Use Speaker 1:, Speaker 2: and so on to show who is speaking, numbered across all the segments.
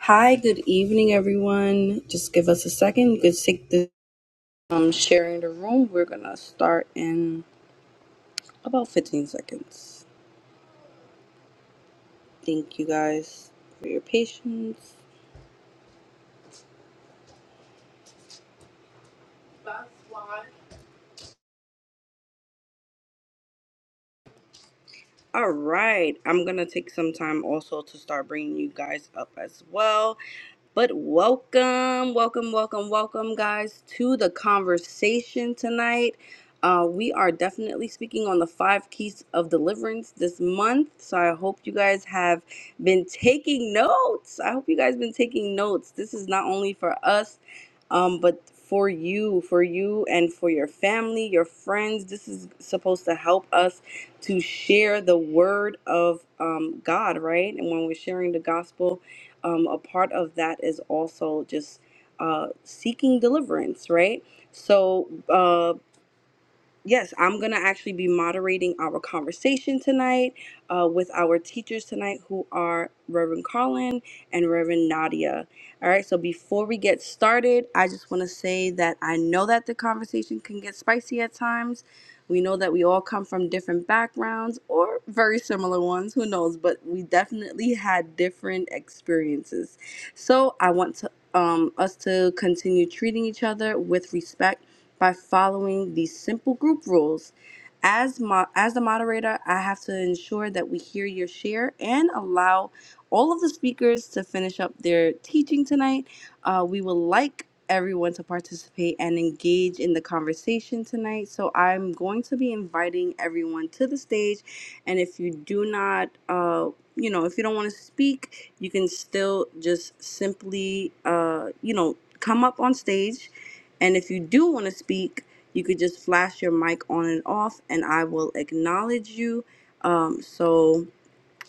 Speaker 1: Hi, good evening, everyone. Just give us a second. You could take the um, sharing the room. We're gonna start in about 15 seconds. Thank you guys for your patience. All right, I'm gonna take some time also to start bringing you guys up as well. But welcome, welcome, welcome, welcome, guys, to the conversation tonight. Uh, we are definitely speaking on the five keys of deliverance this month. So I hope you guys have been taking notes. I hope you guys been taking notes. This is not only for us, um, but for you, for you, and for your family, your friends. This is supposed to help us to share the word of um, God, right? And when we're sharing the gospel um, a part of that is also just uh, seeking deliverance, right? So, uh, Yes, I'm going to actually be moderating our conversation tonight uh, with our teachers tonight, who are Reverend Carlin and Reverend Nadia. All right, so before we get started, I just want to say that I know that the conversation can get spicy at times. We know that we all come from different backgrounds or very similar ones, who knows, but we definitely had different experiences. So I want to um, us to continue treating each other with respect by following these simple group rules. As, mo- as the moderator, I have to ensure that we hear your share and allow all of the speakers to finish up their teaching tonight. Uh, we would like everyone to participate and engage in the conversation tonight. So I'm going to be inviting everyone to the stage. And if you do not, uh, you know, if you don't want to speak, you can still just simply, uh, you know, come up on stage and if you do want to speak, you could just flash your mic on and off, and I will acknowledge you. Um, so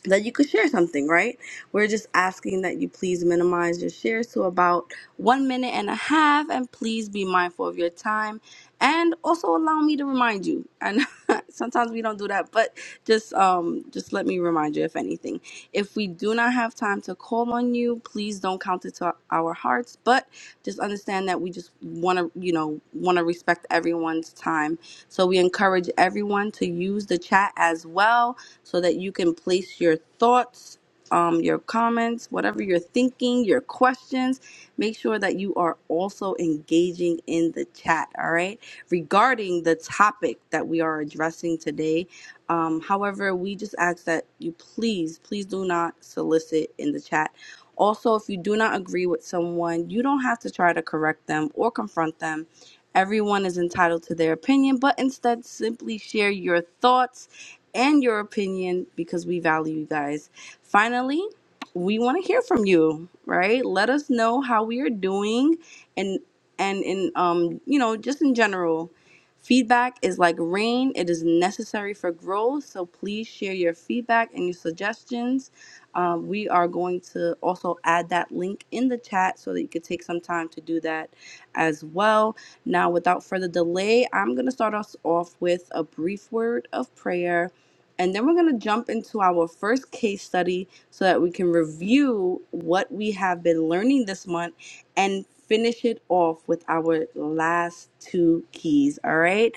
Speaker 1: that you could share something, right? We're just asking that you please minimize your shares to about one minute and a half, and please be mindful of your time. And also allow me to remind you. And sometimes we don't do that, but just um, just let me remind you if anything. If we do not have time to call on you, please don't count it to our hearts. But just understand that we just want to, you know, want to respect everyone's time. So we encourage everyone to use the chat as well so that you can place your thoughts, um, your comments, whatever you're thinking, your questions. Make sure that you are also engaging in the chat, all right, regarding the topic that we are addressing today. Um, however, we just ask that you please, please do not solicit in the chat. Also, if you do not agree with someone, you don't have to try to correct them or confront them Everyone is entitled to their opinion, but instead simply share your thoughts and your opinion because we value you guys. Finally, we want to hear from you, right? Let us know how we are doing and and in um, you know, just in general. Feedback is like rain, it is necessary for growth. So please share your feedback and your suggestions. Um, we are going to also add that link in the chat so that you could take some time to do that as well now, without further delay, I'm going to start us off with a brief word of prayer, and then we're going to jump into our first case study so that we can review what we have been learning this month and finish it off with our last two keys. All right.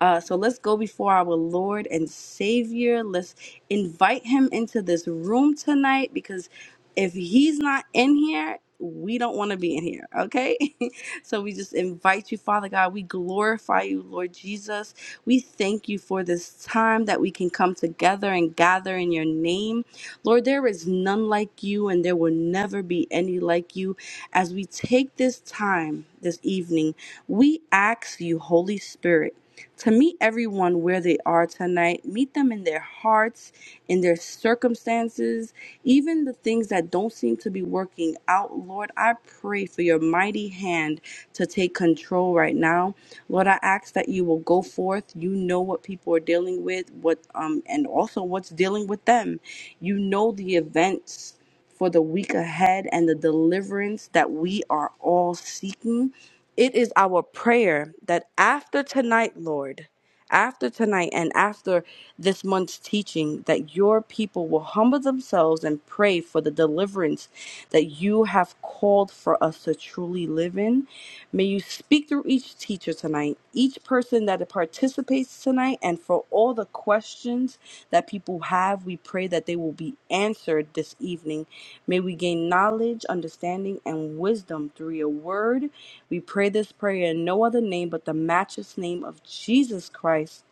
Speaker 1: Uh, so let's go before our Lord and Savior. Let's invite him into this room tonight because if he's not in here, we don't want to be in here. Okay. So we just invite you, Father God. We glorify you, Lord Jesus. We thank you for this time that we can come together and gather in your name. Lord, there is none like you, and there will never be any like you. As we take this time this evening, we ask you, Holy Spirit, to meet everyone where they are tonight. Meet them in their hearts, in their circumstances, even the things that don't seem to be working out, Lord, I pray for your mighty hand to take control right now. Lord, I ask that you will go forth. You know what people are dealing with, what um and also what's dealing with them. You know the events for the week ahead and the deliverance that we are all seeking. It is our prayer that after tonight, Lord, after tonight and after this month's teaching that your people will humble themselves and pray for the deliverance that you have called for us to truly live in. May you speak through each teacher tonight, each person that participates tonight and for all the questions that people have. We pray that they will be answered this evening. May we gain knowledge, understanding, and wisdom through your word. We pray this prayer in no other name but the matchless name of Jesus Christ.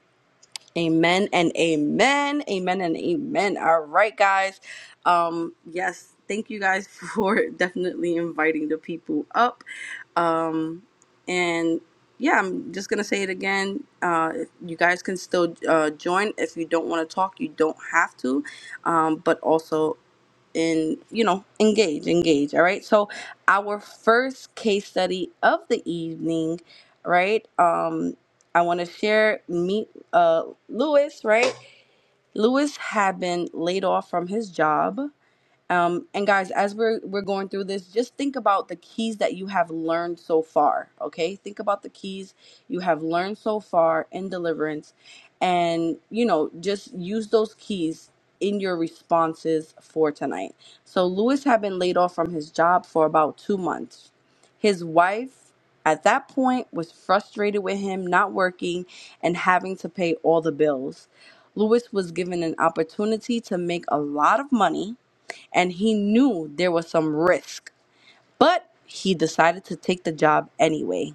Speaker 1: Amen and amen. Amen and amen. All right, guys. Um, yes, thank you guys for definitely inviting the people up. Um, and yeah, I'm just gonna say it again. Uh, if- you guys can still uh, join if you don't want to talk. You don't have to, um, but also in you know engage, engage. All right. So our first case study of the evening, right? Um, I want to share meet uh Lewis. Right, Lewis had been laid off from his job um, and guys, as we're we're going through this, just think about the keys that you have learned so far. Okay, think about the keys you have learned so far in deliverance, and you know, just use those keys in your responses for tonight. So Lewis had been laid off from his job for about two months. His wife, at that point, was frustrated with him not working and having to pay all the bills. Lewis was given an opportunity to make a lot of money and he knew there was some risk, but he decided to take the job anyway.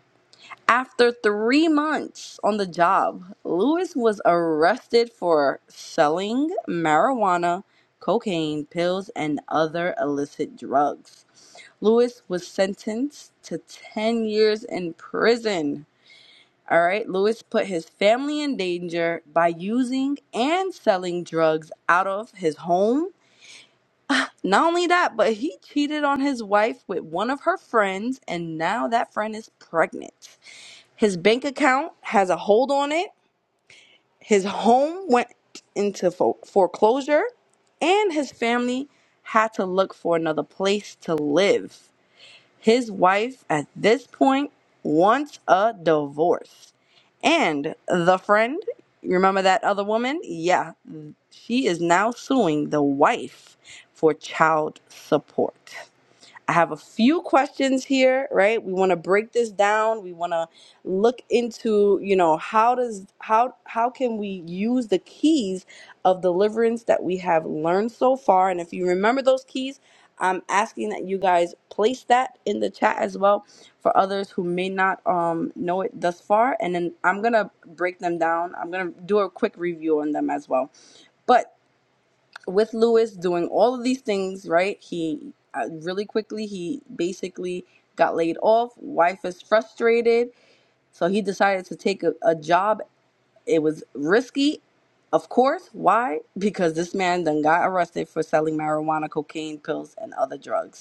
Speaker 1: After three months on the job, Lewis was arrested for selling marijuana, cocaine, pills, and other illicit drugs. Lewis was sentenced to 10 years in prison. All right, Lewis put his family in danger by using and selling drugs out of his home not only that, but he cheated on his wife with one of her friends, and now that friend is pregnant. His bank account has a hold on it. His home went into fo- foreclosure, and his family had to look for another place to live. His wife at this point wants a divorce. And the friend, remember that other woman? Yeah, she is now suing the wife for child support. I have a few questions here, right? We want to break this down. We want to look into, you know, how does how how can we use the keys of deliverance that we have learned so far? And if you remember those keys, I'm asking that you guys place that in the chat as well for others who may not um, know it thus far. And then I'm gonna break them down. I'm gonna do a quick review on them as well. But with Lewis doing all of these things, right? He uh, really quickly he basically got laid off. Wife is frustrated, so he decided to take a, a job. It was risky, of course. Why? Because this man then got arrested for selling marijuana, cocaine, pills, and other drugs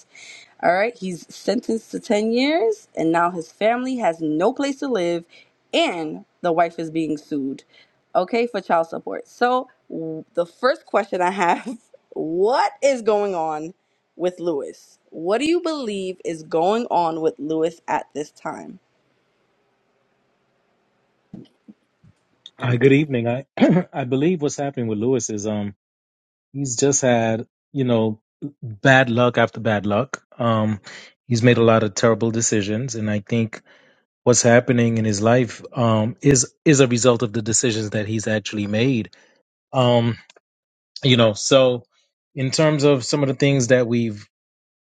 Speaker 1: all right, he's sentenced to 10 years, and now his family has no place to live, and the wife is being sued, okay, for child support. So, w- the first question I have what is going on with Lewis? What do you believe is going on with Lewis at this time?
Speaker 2: Hi, good evening. I I believe what's happening with Lewis is um he's just had, you know, bad luck after bad luck. Um he's made a lot of terrible decisions and I think what's happening in his life um is is a result of the decisions that he's actually made. Um you know, so in terms of some of the things that we've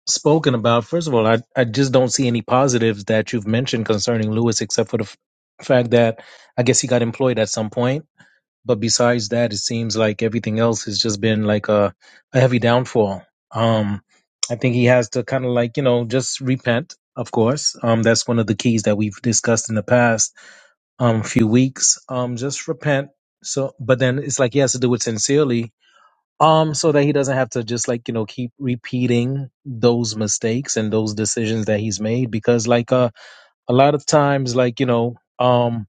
Speaker 2: spoken about, first of all, I I just don't see any positives that you've mentioned concerning Lewis except for the f- fact that I guess he got employed at some point but besides that, it seems like everything else has just been like a, a heavy downfall. Um, I think he has to kind of like, you know, just repent, of course. Um, that's one of the keys that we've discussed in the past um, few weeks. Um, just repent. So, but then it's like he has to do it sincerely. Um, so that he doesn't have to just like, you know, keep repeating those mistakes and those decisions that he's made. Because like, uh, a lot of times like you know um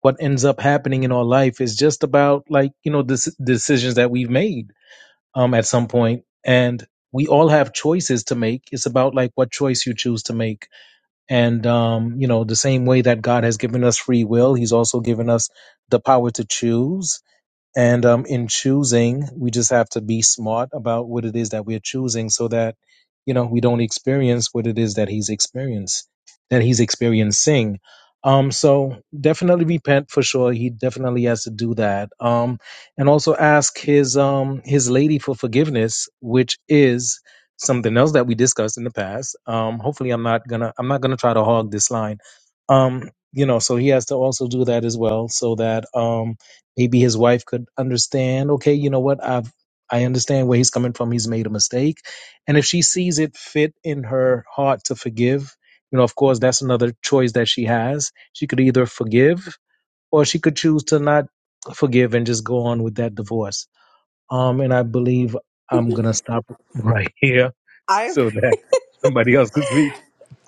Speaker 2: what ends up happening in our life is just about like you know this decisions that we've made um at some point and we all have choices to make it's about like what choice you choose to make and um you know the same way that god has given us free will he's also given us the power to choose and um, in choosing, we just have to be smart about what it is that we're choosing so that, you know, we don't experience what it is that he's experienced, that he's experiencing. Um, so definitely repent for sure. He definitely has to do that. Um, and also ask his, um, his lady for forgiveness, which is something else that we discussed in the past. Um, hopefully I'm not gonna, I'm not gonna try to hog this line. Um, you know, so he has to also do that as well so that, um, maybe his wife could understand okay you know what i've i understand where he's coming from he's made a mistake and if she sees it fit in her heart to forgive you know of course that's another choice that she has she could either forgive or she could choose to not forgive and just go on with that divorce um and i believe i'm gonna stop right here
Speaker 1: I,
Speaker 2: so that somebody else could speak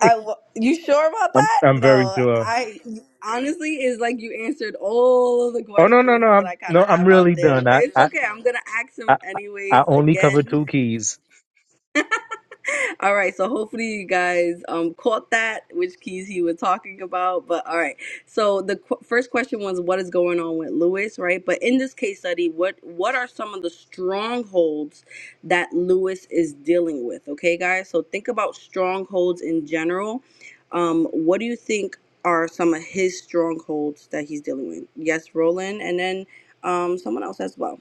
Speaker 1: I, you sure about
Speaker 2: i'm
Speaker 1: that?
Speaker 2: i'm very
Speaker 1: No,
Speaker 2: sure
Speaker 1: I honestly is like you answered all of the
Speaker 2: oh no no no
Speaker 1: questions that
Speaker 2: i'm
Speaker 1: I kind of
Speaker 2: no i'm
Speaker 1: have out
Speaker 2: really
Speaker 1: there,
Speaker 2: done
Speaker 1: but
Speaker 2: i
Speaker 1: it's
Speaker 2: i
Speaker 1: okay. I'm gonna ask him
Speaker 2: i, I
Speaker 1: anyways
Speaker 2: only cover
Speaker 1: again
Speaker 2: two keys
Speaker 1: all right, so hopefully you guys um caught that which keys he was talking about. But all right, so the qu- first question was what is going on with Lewis, right? But in this case study, what what are some of the strongholds that Lewis is dealing with? Okay, guys, so think about strongholds in general. Um, what do you think are some of his strongholds that he's dealing with? Yes, Roland, and then um someone else as well.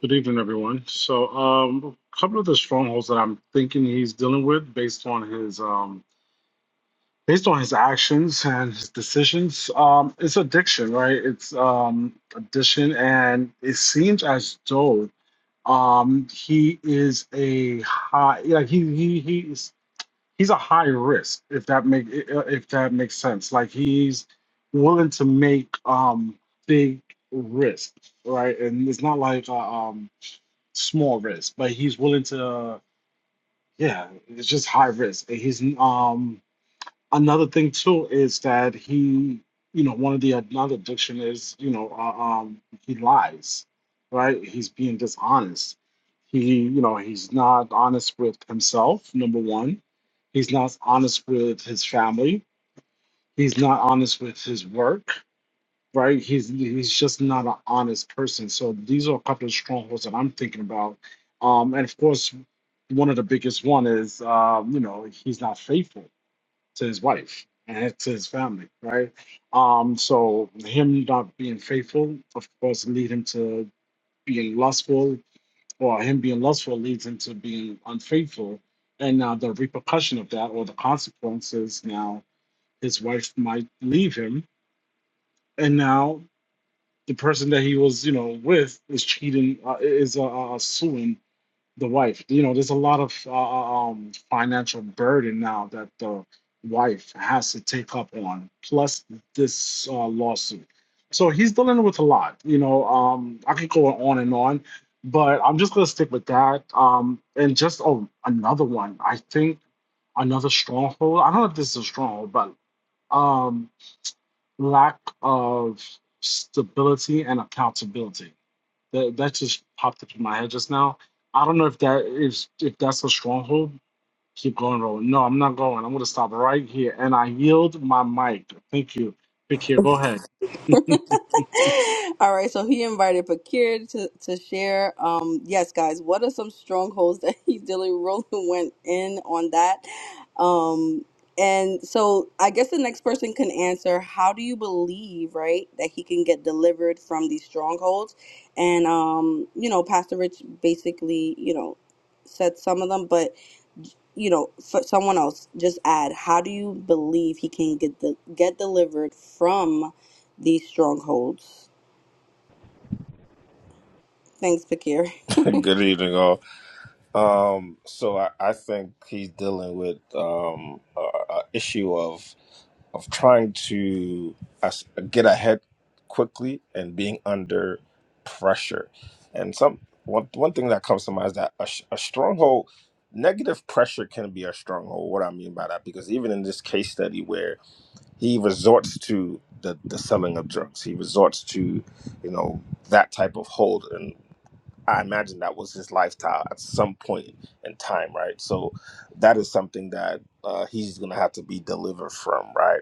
Speaker 3: Good evening, everyone. So, um, a couple of the strongholds that I'm thinking he's dealing with, based on his um, based on his actions and his decisions, um, is addiction, right? It's um, addiction, and it seems as though um, he is a high, like he he he's he's a high risk, if that make if that makes sense. Like he's willing to make um, big risk, right? And it's not like uh, um small risk, but he's willing to. Yeah, it's just high risk. He's um another thing too is that he, you know, one of the another addiction is you know uh, um he lies, right? He's being dishonest. He, you know, he's not honest with himself. Number one, he's not honest with his family. He's not honest with his work right? He's he's just not an honest person. So these are a couple of strongholds that I'm thinking about. Um, and of course, one of the biggest one is um, you know he's not faithful to his wife and to his family, right? Um, so him not being faithful, of course, lead him to being lustful, or him being lustful leads him to being unfaithful. And now the repercussion of that, or the consequences, now his wife might leave him, and now the person that he was, you know, with is cheating, uh, is uh, uh, suing the wife. You know, there's a lot of uh, uh, um, financial burden now that the wife has to take up on, plus this uh, lawsuit. So he's dealing with a lot. You know, um, I could go on and on, but I'm just gonna stick with that. Um, and just oh, another one. I think another stronghold. I don't know if this is a stronghold, but um, lack of stability and accountability. That that just popped up in my head just now. I don't know if that is if that's a stronghold. Keep going, Roland. No, I'm not going. I'm gonna stop right here. And I yield my mic. Thank you. Pick here, go ahead.
Speaker 1: All right, so he invited Pakir to, to share. Um, yes, guys, what are some strongholds that he really really went in on that? Um, and so I guess the next person can answer how do you believe, right, that he can get delivered from these strongholds? And, um, you know, Pastor Rich basically, you know, said some of them, but, you know, for someone else, just add how do you believe he can get, the, get delivered from? these strongholds. Thanks, Pakir.
Speaker 4: Good evening, all. Um, so I, I think he's dealing with um, a, issue of of trying to as- get ahead quickly and being under pressure. And some one one thing that comes to mind is that a, sh- a stronghold, negative pressure can be a stronghold. What I mean by that, because even in this case study where he resorts to the the selling of drugs, he resorts to you know that type of hold I imagine that was his lifestyle at some point in time, right? So that is something that uh, he's going to have to be delivered from, right?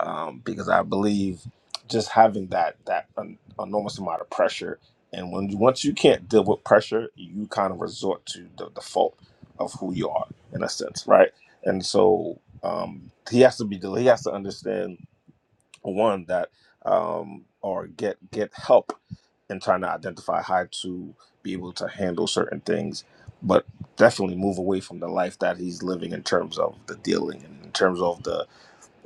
Speaker 4: Um, because I believe just having that that an enormous amount of pressure, and when you, once you can't deal with pressure, you kind of resort to the default of who you are, in a sense, right? And so um, he has to be del- he has to understand one that um, or get get help and trying to identify how to be able to handle certain things, but definitely move away from the life that he's living in terms of the dealing and in terms of the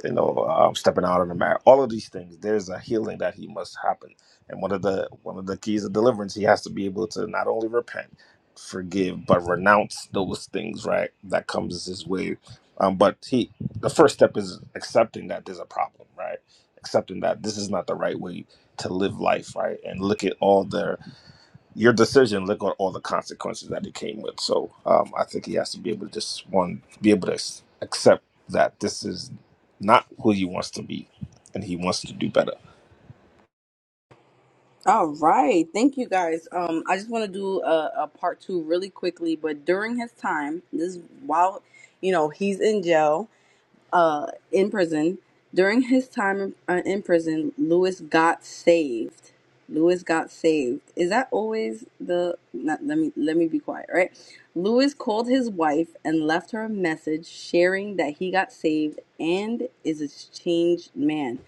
Speaker 4: you know, um, stepping out of the marriage. All of these things, there's a healing that he must happen, and one of the one of the keys of deliverance, he has to be able to not only repent, forgive, but renounce those things, right? That comes his way. Um, but he, the first step is accepting that there's a problem, right? Accepting that this is not the right way to live life, right? And look at all the your decision look at all the consequences that it came with so um, i think he has to be able to just one be able to s- accept that this is not who he wants to be and he wants to do better
Speaker 1: All right, thank you guys. Um, I just want to do a, a part two really quickly, but during his time, this while you know he's in jail, uh, in prison. During his time in, uh, prison, Lewis got saved. Lewis got saved. Is that always the? Not, let me let me be quiet. Right. Lewis called his wife and left her a message sharing that he got saved and is a changed man.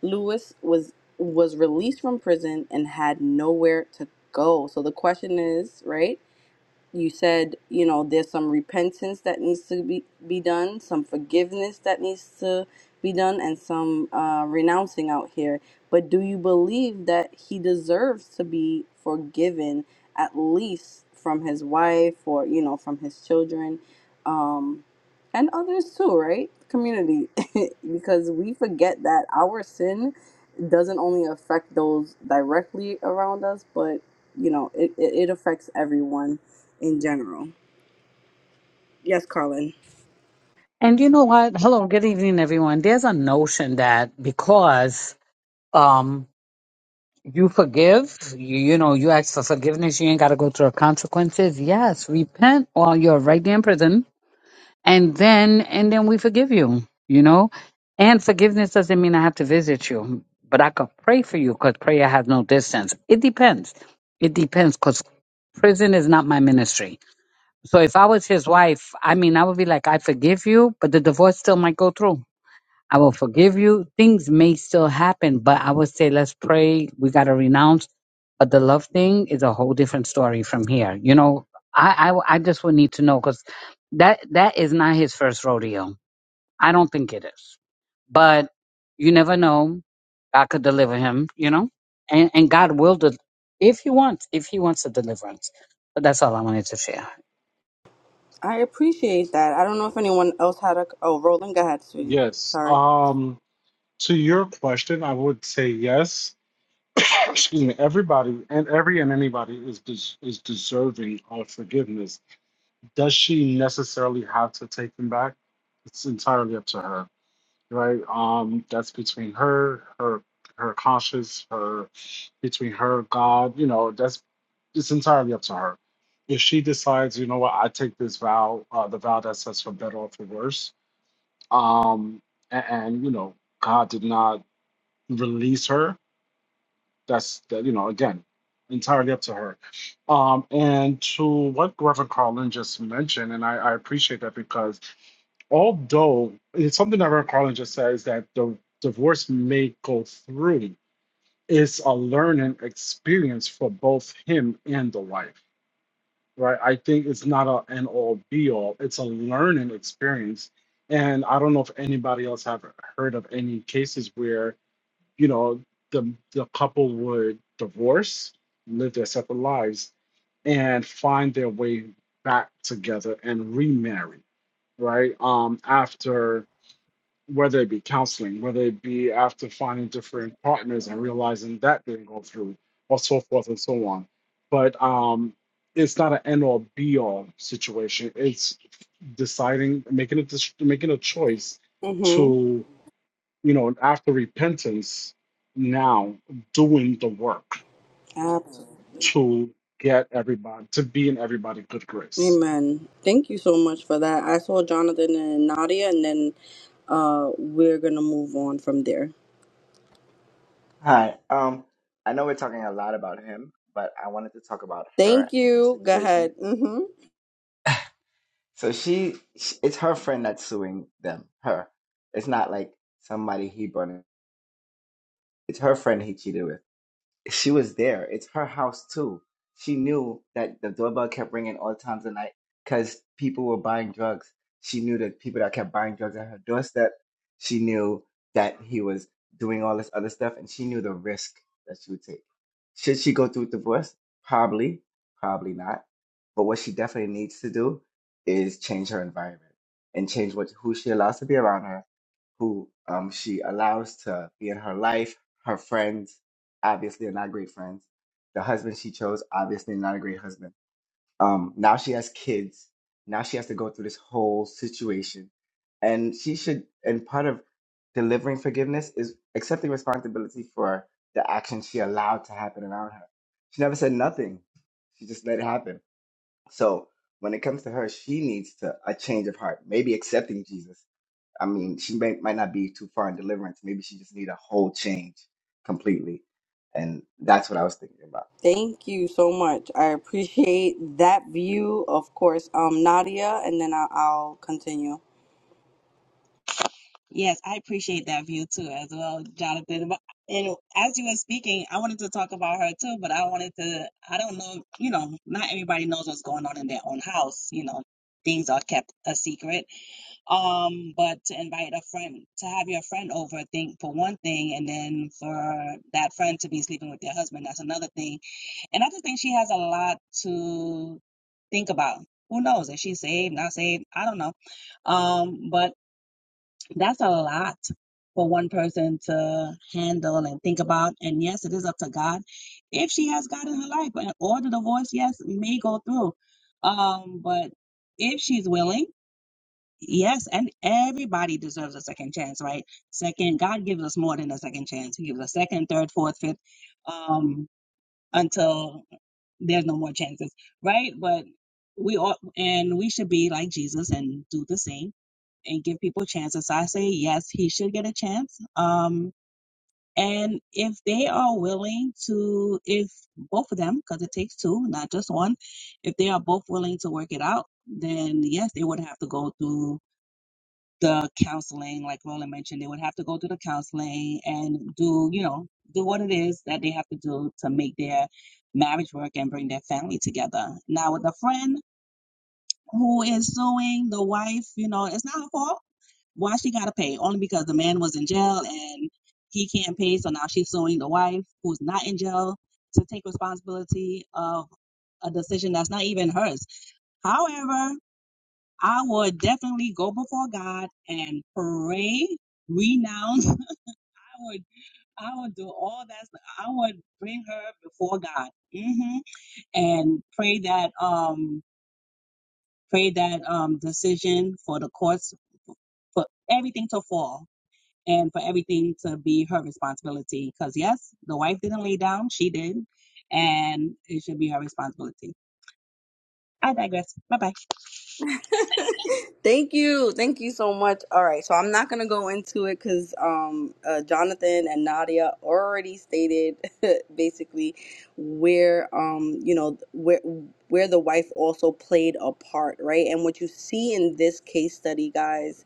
Speaker 1: Lewis was was released from prison and had nowhere to go. So the question is, right? you said you know there's some repentance that needs to be, be done some forgiveness that needs to be done and some uh, renouncing out here but do you believe that he deserves to be forgiven at least from his wife or you know from his children um, and others too right community because we forget that our sin doesn't only affect those directly around us but you know it, it, it affects everyone in general. Yes, Carlin.
Speaker 5: And you know what? Hello, good evening, everyone. There's a notion that because um you forgive, you, you know, you ask for forgiveness, you ain't got to go through consequences. Yes, repent or you're right there in prison, and then and then we forgive you. You know, and forgiveness doesn't mean I have to visit you, but I could pray for you because prayer has no distance. It depends. It depends because prison is not my ministry. So if I was his wife, I mean, I would be like, I forgive you, but the divorce still might go through I will forgive you. Things may still happen, but I would say let's pray. We got to renounce. But the love thing is a whole different story from here. You know, I I, I just would need to know because that that is not his first rodeo. I don't think it is. But you never know. God could deliver him. You know, and and God will de- if he wants if he wants a deliverance. But that's all I wanted to share.
Speaker 1: I appreciate that. I don't know if anyone else had a. Oh, Roland, go ahead, sweetie.
Speaker 3: yes.
Speaker 1: Sorry.
Speaker 3: Um to your question, I would say yes. Excuse me, everybody and every and anybody is des- is deserving of forgiveness. Does she necessarily have to take them back? It's entirely up to her. right? Um, that's between her, her, her conscience, her between her God. You know, that's it's entirely up to her. If she decides, you know what, I take this vow, uh, the vow that says for better or for worse. Um, and, and you know, God did not release her. That's that. You know, again, entirely up to her. Um, and to what Reverend Carlin just mentioned, and I, I appreciate that because although it's something that Reverend Carlin just says that the divorce may go through is a learning experience for both him and the wife, right? I think it's not a an all be all. It's a learning experience, and I don't know if anybody else have heard of any cases where you know the the couple would divorce, live their separate lives, and find their way back together and remarry, right? Um, after whether it be counseling, whether it be after finding different partners and realizing that didn't go through, or so forth and so on. But um, it's not an end all be all situation. It's deciding, making a dis- making a choice
Speaker 1: Mm-hmm.
Speaker 3: to you know after repentance, now doing the work
Speaker 1: Absolutely.
Speaker 3: to get everybody to be in everybody good grace.
Speaker 1: Amen. Thank you so much for that. I saw Jonathan and Nadia, and then uh, we're going to move on from there.
Speaker 6: Hi. Um, I know we're talking a lot about him, but I wanted to talk about her
Speaker 1: Thank
Speaker 6: and her
Speaker 1: you. Go
Speaker 6: situation.
Speaker 1: ahead. hmm
Speaker 6: So she, sh it's her friend that's suing them. Her. It's not like somebody he burned. It's her friend he cheated with. She was there. It's her house too. She knew that the doorbell kept ringing all times of night because people were buying drugs. She knew that people that kept buying drugs at her doorstep. She knew that he was doing all this other stuff, and she knew the risk that she would take. Should she go through with divorce? Probably, probably not. But what she definitely needs to do is change her environment and change what who she allows to be around her who um, she allows to be in her life. Her friends, obviously, are not great friends. The husband she chose, obviously, not a great husband. Um, now she has kids. Now she has to go through this whole situation. And she should, and part of delivering forgiveness is accepting responsibility for the action she allowed to happen around her. She never said nothing, she just let it happen. So when it comes to her, she needs to a change of heart, maybe accepting Jesus I mean, she may, might not be too far in deliverance. Maybe she just need a whole change completely. And that's what I was thinking about.
Speaker 1: Thank you so much. I appreciate that view, of course. Um, Nadia, and then I- I'll continue.
Speaker 7: Yes, I appreciate that view too, as well, Jonathan. But- And as you were speaking, I wanted to talk about her too, but I wanted to, I don't know, you know, not everybody knows what's going on in their own house, you know, things are kept a secret. Um, but to invite a friend, to have your friend over, think for one thing, and then for that friend to be sleeping with their husband, that's another thing. And I just think she has a lot to think about. Who knows? Is she saved, not saved? I don't know. Um, but that's a lot for one person to handle and think about. And yes, it is up to God if she has God in her life, and or the divorce, yes, may go through. Um, but if she's willing, yes, and everybody deserves a second chance, right? Second, God gives us more than a second chance. He gives us second, third, fourth, fifth, um, until there's no more chances, right? But we all and we should be like Jesus and do the same and give people chances. So I say yes, he should get a chance. Um, and if they are willing to, if both of them, because it takes two, not just one, if they are both willing to work it out, then yes, they would have to go through the counseling, like Roland mentioned, they would have to go through the counseling and do, you know, do what it is that they have to do to make their marriage work and bring their family together. Now with the friend who is suing the wife, you know, it's not her fault why she gotta pay? Only because the man was in jail and he can't pay, so now she's suing the wife who's not in jail to take responsibility of a decision that's not even hers. However, I would definitely go before God and pray, renounce. I would, I would do all that. stuff. I would bring her before God hmm and pray that, um, pray that um decision for the courts for everything to fall. and for everything to be her responsibility. Because, yes, the wife didn't lay down, she did, and it should be her responsibility. I digress. Bye bye.
Speaker 1: Thank you. Thank you so much. All right. So I'm not going to go into it because um, uh, Jonathan and Nadia already stated basically where, um, you know, where, where the wife also played a part, right? And what you see in this case study, guys,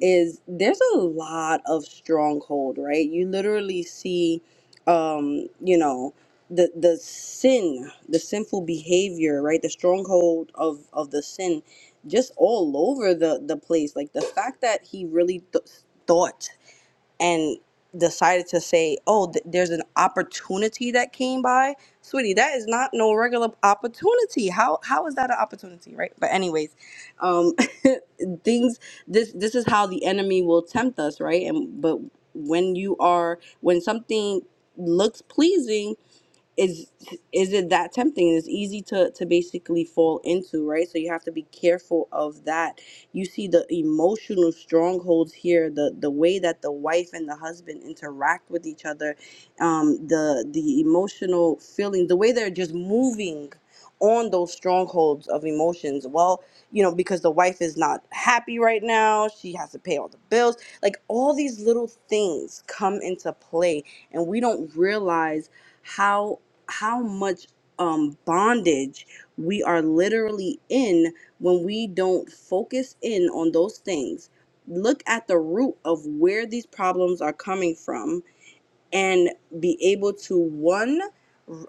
Speaker 1: is there's a lot of stronghold, right? You literally see, um, you know, the the sin, the sinful behavior, right? The stronghold of of the sin just all over the the place like the fact that he really th- thought and decided to say oh th- there's an opportunity that came by sweetie that is not no regular opportunity how how is that an opportunity right but anyways um things this this is how the enemy will tempt us right and but when you are when something looks pleasing is is it that tempting it's easy to to basically fall into right so you have to be careful of that you see the emotional strongholds here the the way that the wife and the husband interact with each other um the the emotional feeling the way they're just moving on those strongholds of emotions well you know because the wife is not happy right now she has to pay all the bills like all these little things come into play and we don't realize how how much um bondage we are literally in when we don't focus in on those things look at the root of where these problems are coming from and be able to one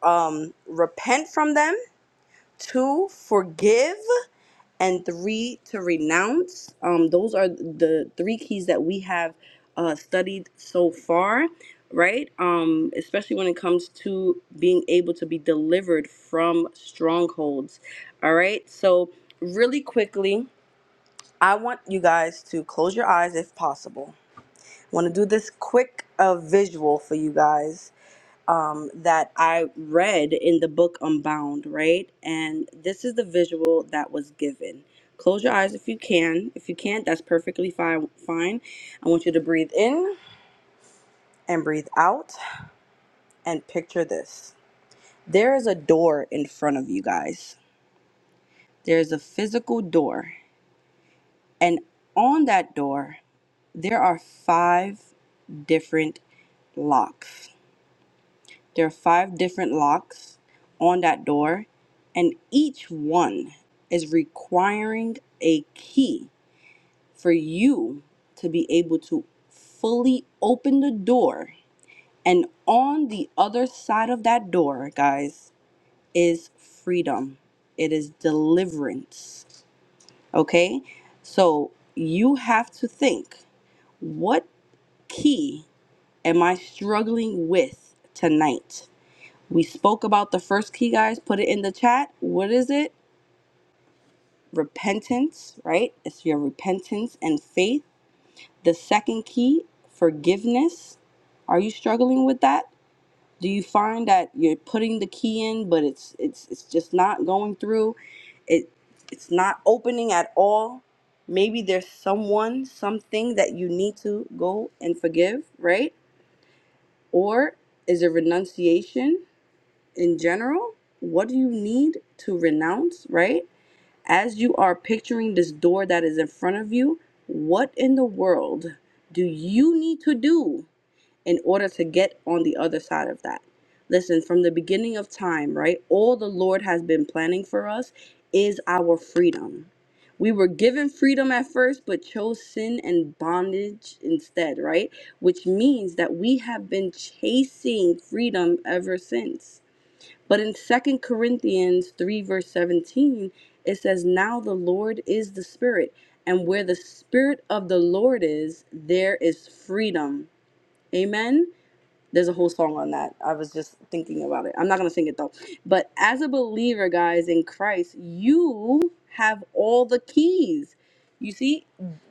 Speaker 1: um repent from them two forgive and three to renounce. Um, those are the three keys that we have uh, studied so far, right? Um, especially when it comes to being able to be delivered from strongholds. All right. So, really quickly, I want you guys to close your eyes if possible. I want to do this quick uh, visual for you guys um, that I read in the book Unbound, right? And this is the visual that was given. Close your eyes if you can. If you can't, that's perfectly fine. Fine. I want you to breathe in and breathe out and picture this. There is a door in front of you guys. There is a physical door. And on that door, there are five different locks. There are five different locks on that door, and each one is requiring a key for you to be able to fully open the door. And on the other side of that door, guys, is freedom, it is deliverance. Okay? So you have to think what key am I struggling with tonight? We spoke about the first key, guys. Put it in the chat. What is it? Repentance, right? It's your repentance and faith. The second key, forgiveness. Are you struggling with that? Do you find that you're putting the key in, but it's it's it's just not going through? It it's not opening at all. Maybe there's someone, something that you need to go and forgive, right? Or is it renunciation? in general, what do you need to renounce, right? As you are picturing this door that is in front of you, what in the world do you need to do in order to get on the other side of that? Listen, from the beginning of time, right? All the Lord has been planning for us is our freedom. We were given freedom at first, but chose sin and bondage instead, right? Which means that we have been chasing freedom ever since but in Second Corinthians 3, verse 17, it says, Now the Lord is the Spirit, and where the Spirit of the Lord is, there is freedom. Amen. There's a whole song on that. I was just thinking about it. I'm not going to sing it though. But as a believer, guys, in Christ, you have all the keys. You see,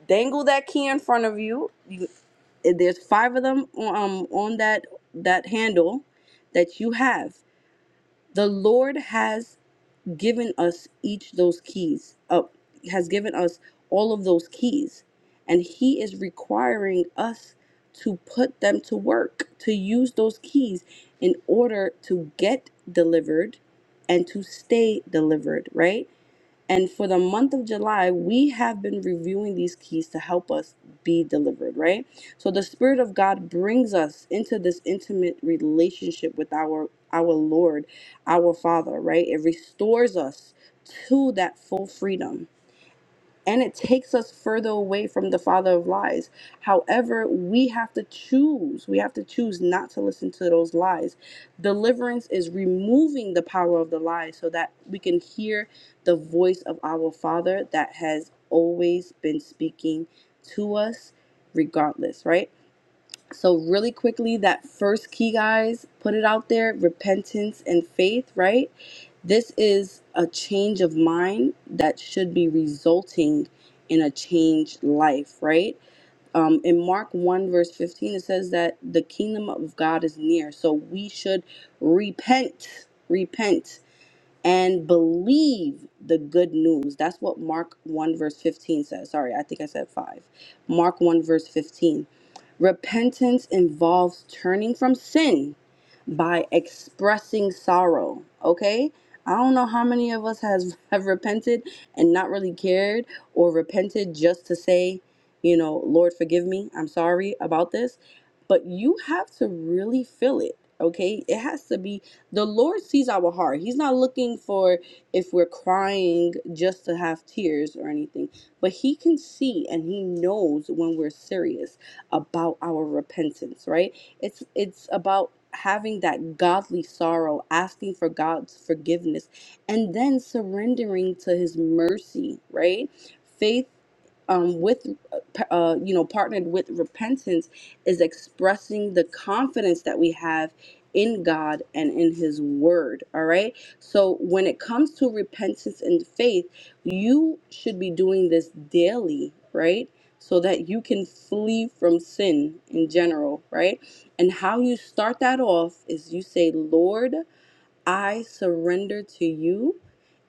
Speaker 1: dangle that key in front of you. you there's five of them um, on that that handle that you have the Lord has given us each those keys up has given us all of those keys and he is requiring us to put them to work to use those keys in order to get delivered and to stay delivered right and for the month of July, we have been reviewing these keys to help us be delivered, right? So the Spirit of God brings us into this intimate relationship with our our Lord, our Father, right? It restores us to that full freedom and it takes us further away from the father of lies. However, we have to choose. We have to choose not to listen to those lies. Deliverance is removing the power of the lie so that we can hear the voice of our father that has always been speaking to us regardless, right? So, really quickly, that first key, guys, put it out there repentance and faith, right? This is a change of mind that should be resulting in a changed life, right? Um, in Mark 1, verse 15, it says that the kingdom of God is near. So, we should repent, repent and believe the good news. That's what Mark 1, verse 15 says. Sorry, I think I said 5. Mark 1, verse 15. Repentance involves turning from sin by expressing sorrow, okay? I don't know how many of us has have repented and not really cared or repented just to say, you know, Lord forgive me. I'm sorry about this. But you have to really feel it, okay? It has to be the Lord sees our heart. He's not looking for if we're crying just to have tears or anything, but He can see and He knows when we're serious about our repentance, right? It's it's about having that godly sorrow, asking for God's forgiveness, and then surrendering to His mercy, right? Faith um, with uh, uh, you know partnered with repentance is expressing the confidence that we have in God and in His Word. All right. So when it comes to repentance and faith, you should be doing this daily, right? So that you can flee from sin in general, right? And how you start that off is you say, Lord, I surrender to you.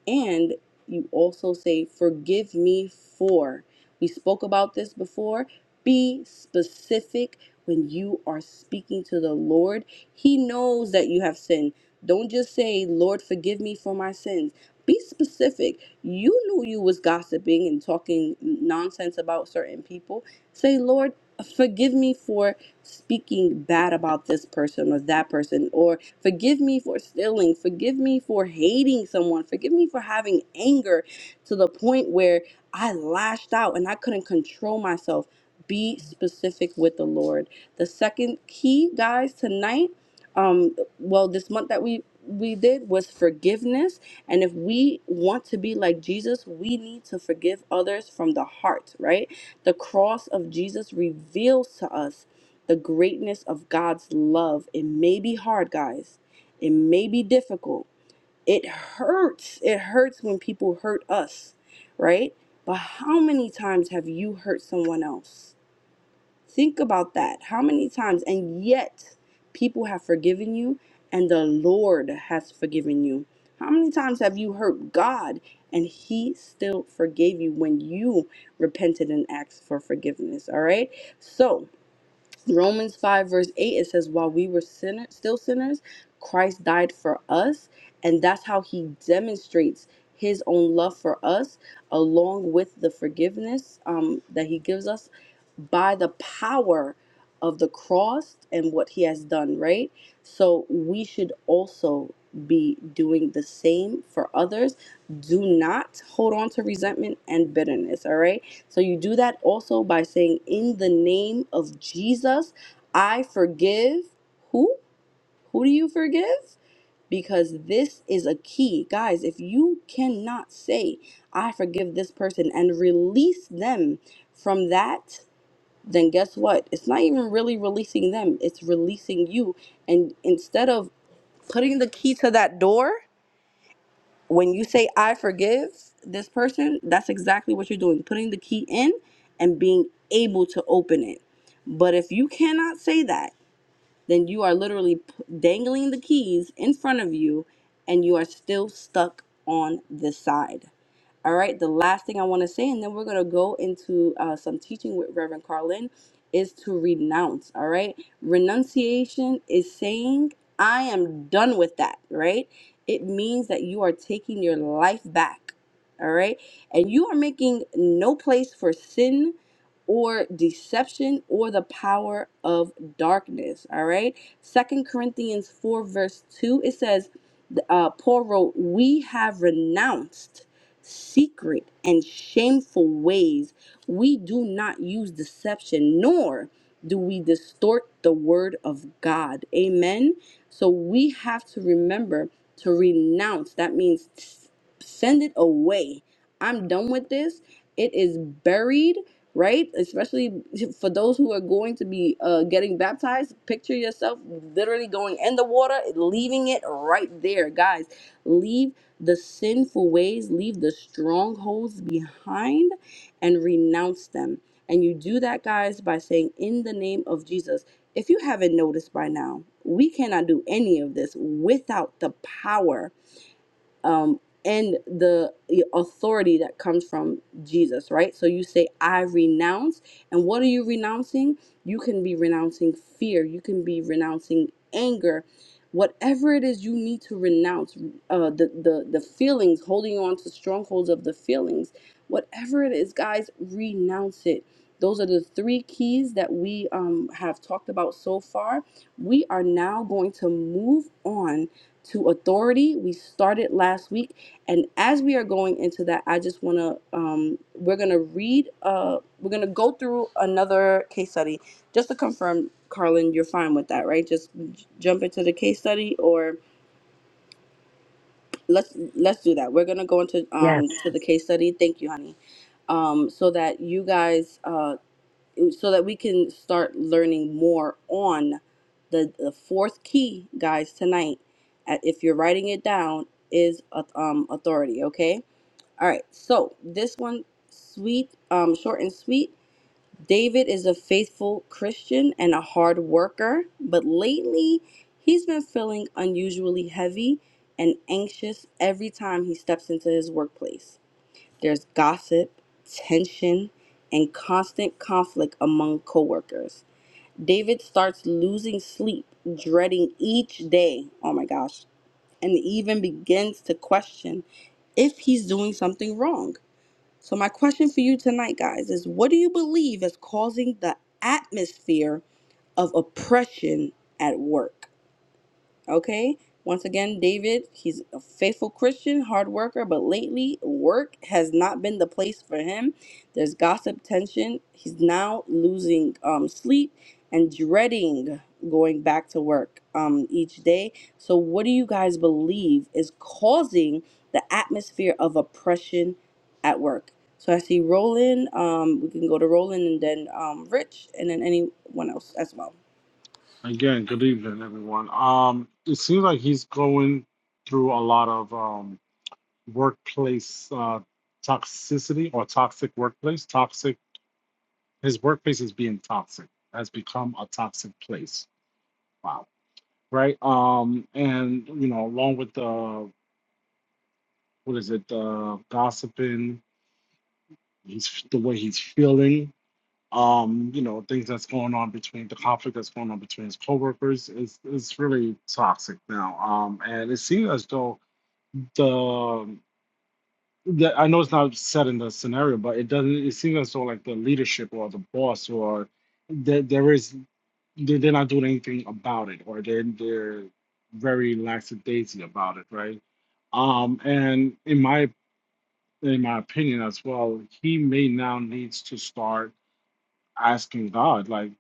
Speaker 1: And you also say, Forgive me for. We spoke about this before. Be specific when you are speaking to the Lord. He knows that you have sinned. Don't just say, Lord, forgive me for my sins. Be specific. You knew you was gossiping and talking nonsense about certain people. Say, Lord, forgive me for speaking bad about this person or that person or." Forgive me for stealing. Forgive me for hating someone. Forgive me for having anger to the point where I lashed out and I couldn't control myself. Be specific with the Lord. The second key, guys, tonight, um, well, this month that we we did was forgiveness. And if we want to be like Jesus, we need to forgive others from the heart, right? The cross of Jesus reveals to us the greatness of God's love. It may be hard, guys. It may be difficult. It hurts. It hurts when people hurt us, right? But how many times have you hurt someone else? Think about that. How many times? And yet, people have forgiven you and the Lord has forgiven you. How many times have you hurt God and He still forgave you when you repented and asked for forgiveness? All right. So, Romans 5, verse 8, it says, While we were sinner, still sinners, Christ died for us. And that's how he demonstrates his own love for us, along with the forgiveness um, that he gives us by the power of the cross and what he has done, right? So we should also be doing the same for others. Do not hold on to resentment and bitterness, all right? So you do that also by saying, In the name of Jesus, I forgive. Who? Who do you forgive? Because this is a key. Guys, if you cannot say, I forgive this person and release them from that, then guess what? It's not even really releasing them, it's releasing you. And instead of putting the key to that door, when you say I forgive this person, that's exactly what you're doing, putting the key in and being able to open it. But if you cannot say that, then you are literally p- dangling the keys in front of you and you are still stuck on this side. All right, the last thing I want to say, and then we're going to go into uh, some teaching with Reverend Carlin, is to renounce. All right, renunciation is saying, I am done with that, right? It means that you are taking your life back, all right, and you are making no place for sin or deception or the power of darkness, all right? Second Corinthians 4, verse 2, it says, uh, Paul wrote, We have renounced secret and shameful ways. We do not use deception, nor do we distort the word of God. Amen. So we have to remember to renounce. That means s- send it away. I'm done with this. It is buried, right? Especially for those who are going to be uh, getting baptized. Picture yourself literally going in the water, leaving it right there. Guys, leave the sinful ways, leave the strongholds behind, and renounce them. And you do that, guys, by saying, In the name of Jesus. If you haven't noticed by now, we cannot do any of this without the power um, and the authority that comes from Jesus, right? So you say, I renounce. And what are you renouncing? You can be renouncing fear, you can be renouncing anger. Whatever it is you need to renounce, uh, the, the, the feelings, holding on to strongholds of the feelings, whatever it is, guys, renounce it. Those are the three keys that we um, have talked about so far. We are now going to move on to authority. We started last week, and as we are going into that, I just want to um, we're gonna read uh we're gonna go through another case study just to confirm, Carlin, you're fine with that, right? Just j- jump into the case study, or let's let's do that. We're gonna go into um
Speaker 5: Yes.
Speaker 1: to the case study. Thank you, honey. Um, so that you guys uh, so that we can start learning more on the, the fourth key, guys, tonight. uh, If you're writing it down, is uh, um, authority, okay? All right, so this one, sweet, um, short and sweet. David is a faithful Christian and a hard worker, but lately he's been feeling unusually heavy and anxious every time he steps into his workplace. There's gossip, tension, and constant conflict among coworkers. David starts losing sleep, dreading each day. Oh my gosh. And even begins to question if he's doing something wrong. So, my question for you tonight, guys, is what do you believe is causing the atmosphere of oppression at work? Okay. Once again, David, he's a faithful Christian, hard worker, but lately work has not been the place for him. There's gossip, tension. He's now losing um, sleep and dreading going back to work um, each day. So, what do you guys believe is causing the atmosphere of oppression at work? So, I see Roland. Um, we can go to Roland and then um, Rich, and then anyone else as well.
Speaker 3: Again, good evening, everyone. Um, it seems like he's going through a lot of um workplace uh, toxicity or toxic workplace. Toxic. His workplace is being toxic. Has become a toxic place. Wow. Right. Um. And you know, along with the what is it? The gossiping. He's the way he's feeling. Um. You know, things that's going on between the conflict that's going on between his coworkers is is really toxic now. Um. And it seems as though the that I know it's not set in the scenario, but it doesn't. It seems as though like the leadership or the boss or there there is they- they're not doing anything about it, or they're they're very lackadaisy about it, right? Um, and in my in my opinion as well, he may now needs to start asking God, like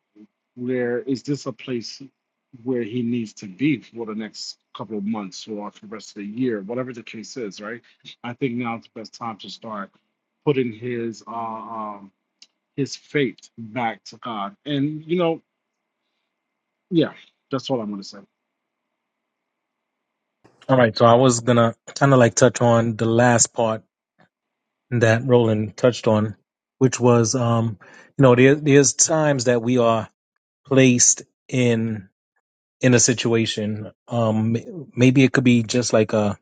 Speaker 3: where is this a place where he needs to be for the next couple of months or for the rest of the year, whatever the case is, right? I think now's the best time to start putting his uh, um, his faith back to God. And you know, yeah, that's all I'm gonna say.
Speaker 2: All right, so I was gonna kind of like touch on the last part that Roland touched on, which was, um, you know, there, there's times that we are placed in in a situation. Um, m- maybe it could be just like a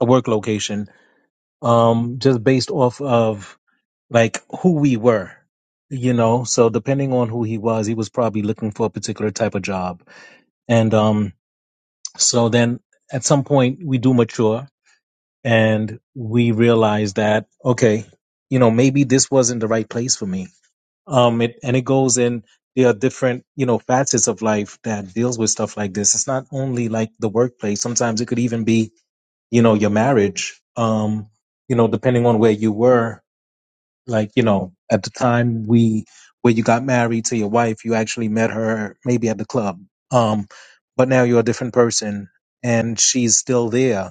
Speaker 2: a work location, um, just based off of like who we were, you know. So depending on who he was, he was probably looking for a particular type of job, and um, so then at some point we do mature and we realized that okay you know maybe this wasn't the right place for me um it and it goes in there are different you know facets of life that deals with stuff like this it's not only like the workplace sometimes it could even be you know your marriage um you know depending on where you were like you know at the time we where you got married to your wife you actually met her maybe at the club um but now you're a different person and she's still there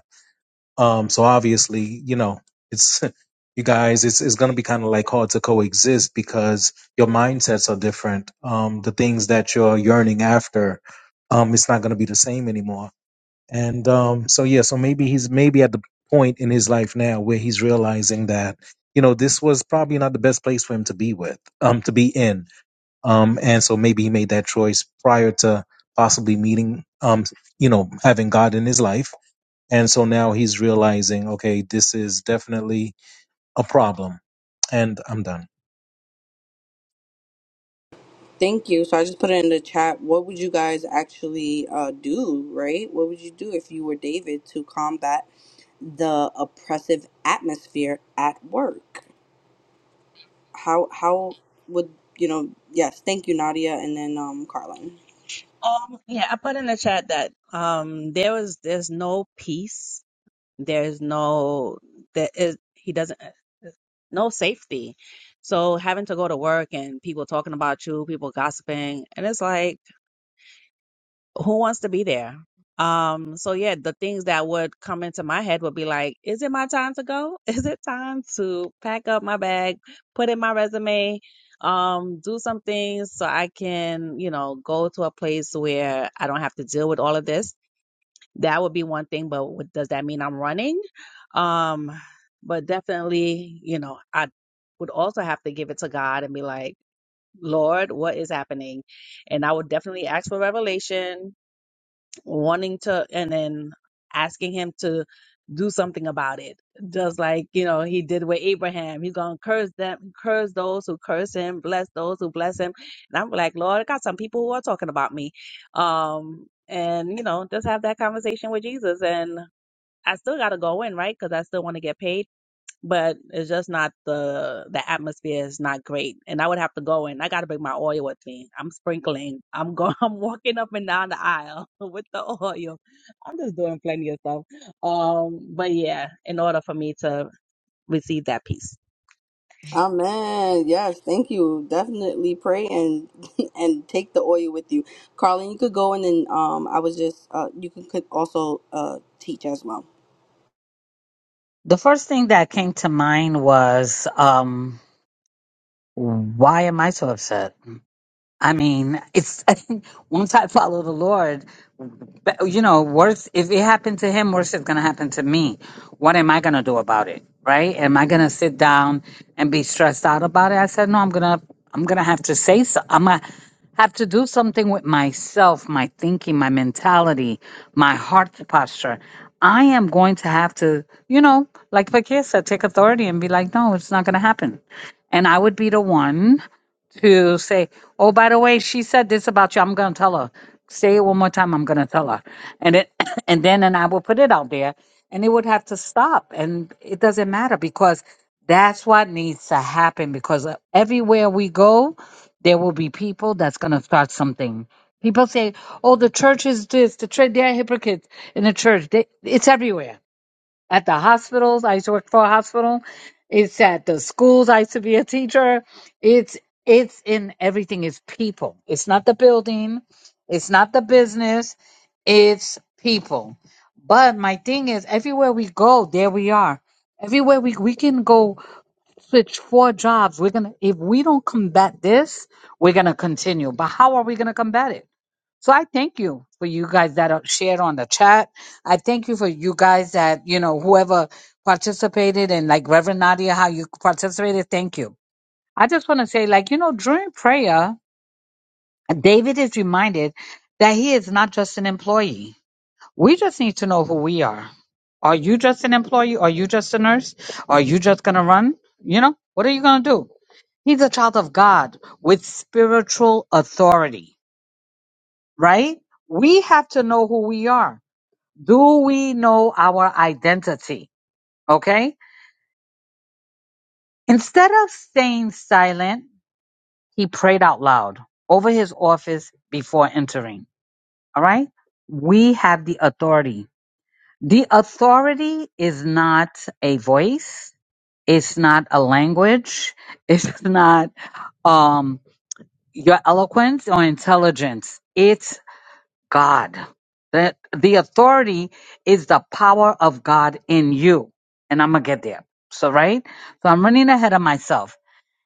Speaker 2: um, so obviously, you know, it's you guys, it's it's gonna be kind of like hard to coexist because your mindsets are different. Um, the things that you're yearning after, um, it's not gonna be the same anymore. And um, so yeah, so maybe he's maybe at the point in his life now where he's realizing that you know this was probably not the best place for him to be with, um, to be in. Um, and so maybe he made that choice prior to possibly meeting, um, you know, having God in his life and so now he's realizing, okay, this is definitely a problem. And I'm done.
Speaker 1: Thank you. So I just put it in the chat. What would you guys actually uh, do, right? What would you do if you were David to combat the oppressive atmosphere at work? How how would you know? Yes, thank you, Nadia, and then um, Carlin.
Speaker 7: Um, yeah, I put in the chat that um there was there's no peace, there's no there is he doesn't no safety. So having to go to work and people talking about you, people gossiping, and it's like who wants to be there? Um, so yeah, the things that would come into my head would be like, is it my time to go? Is it time to pack up my bag, put in my resume, um, do some things so I can, you know, go to a place where I don't have to deal with all of this? That would be one thing, but what, does that mean I'm running? Um, but definitely, you know, I would also have to give it to God and be like, Lord, what is happening? And I would definitely ask for revelation wanting to and then asking him to do something about it. Just like, you know, he did with Abraham. He's gonna curse them, curse those who curse him, bless those who bless him. And I'm like, Lord, I got some people who are talking about me. Um and you know, just have that conversation with Jesus and I still gotta go in, right? Because I still want to get paid but it's just not the the atmosphere is not great and i would have to go in i gotta bring my oil with me i'm sprinkling i'm going i'm walking up and down the aisle with the oil i'm just doing plenty of stuff um but yeah in order for me to receive that peace
Speaker 1: Amen. Yes, thank you. Definitely pray and and take the oil with you, Carlin. You could go and then um, I was just uh, you can could also uh teach as well.
Speaker 5: The first thing that came to mind was, um, why am I so upset? I mean, it's once I follow the Lord, but, you know, worse if it happened to him, worse is gonna happen to me. What am I gonna do about it? Right? Am I gonna sit down and be stressed out about it? I said, no, I'm gonna, I'm gonna have to say so. I'm gonna have to do something with myself, my thinking, my mentality, my heart posture. I am going to have to, you know, like Fakir said, take authority and be like, no, it's not gonna happen. And I would be the one to say, "Oh, by the way, she said this about you. I'm going to tell her. Say it one more time. I'm going to tell her." And it, and then, and I will put it out there, and it would have to stop. And it doesn't matter because that's what needs to happen. Because uh, everywhere we go, there will be people that's going to start something. People say, "Oh, the church is this. The church, they're hypocrites in the church. They, it's everywhere." at the hospitals. I used to work for a hospital. It's at the schools. I used to be a teacher. It's it's in everything. It's people. It's not the building. It's not the business. It's people. But my thing is, everywhere we go, there we are. Everywhere we we can go switch four jobs. We're gonna if we don't combat this, we're gonna continue. But how are we gonna combat it? So I thank you for you guys that are shared on the chat. I thank you for you guys that, you know, whoever participated and like Reverend Nadia, how you participated. Thank you. I just want to say, like, you know, during prayer, David is reminded that he is not just an employee. We just need to know who we are. Are you just an employee? Are you just a nurse? Are you just going to run? You know, what are you going to do? He's a child of God with spiritual authority right? We have to know who we are. Do we know our identity? Okay. Instead of staying silent, he prayed out loud over his office before entering. All right. We have the authority. The authority is not a voice. It's not a language. It's not, um, your eloquence or intelligence. It's God. That the authority is the power of God in you. And I'm gonna get there. So right? So I'm running ahead of myself.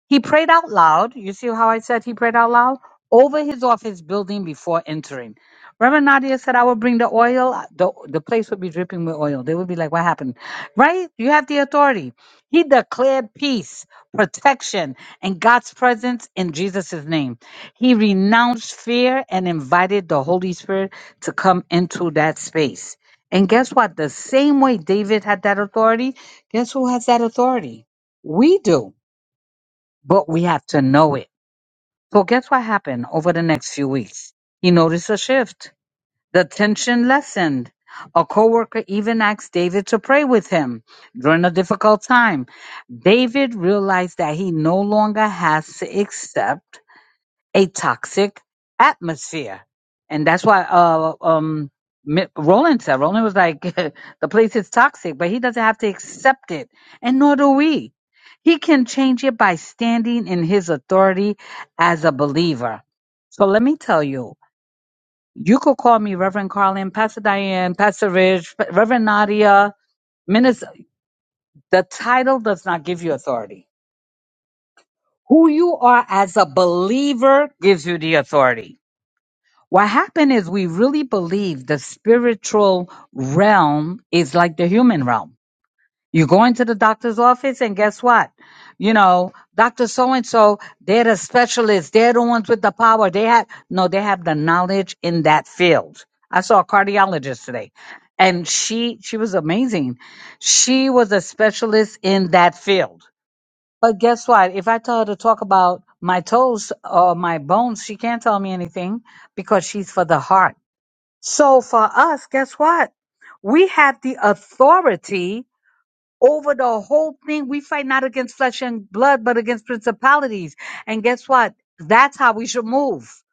Speaker 5: He prayed out loud. You see how I said he prayed out loud? Over his office building before entering. Reverend Nadia said, I will bring the oil. The, the place would be dripping with oil. They would be like, What happened? Right? You have the authority. He declared peace, protection, and God's presence in Jesus' name. He renounced fear and invited the Holy Spirit to come into that space. And guess what? The same way David had that authority, guess who has that authority? We do but we have to know it. So guess what happened over the next few weeks? He noticed a shift. The tension lessened. A coworker even asked David to pray with him during a difficult time. David realized that he no longer has to accept a toxic atmosphere. And that's why uh, um, Mi- Roland said, Roland was like, the place is toxic, but he doesn't have to accept it. And nor do we. He can change it by standing in his authority as a believer. So let me tell you, you could call me Reverend Carlin, Pastor Diane, Pastor Rich, Reverend Nadia, Minister. The title does not give you authority. Who you are as a believer gives you the authority. What happened is we really believe the spiritual realm is like the human realm. You go into the doctor's office and guess what? You know, Dr. So and so, they're the specialists. They're the ones with the power. They have, no, they have the knowledge in that field. I saw a cardiologist today and she, she was amazing. She was a specialist in that field but guess what? If I tell her to talk about my toes or my bones, she can't tell me anything because she's for the heart. So for us, guess what? We have the authority over the whole thing. We fight not against flesh and blood, but against principalities. And guess what? That's how we should move.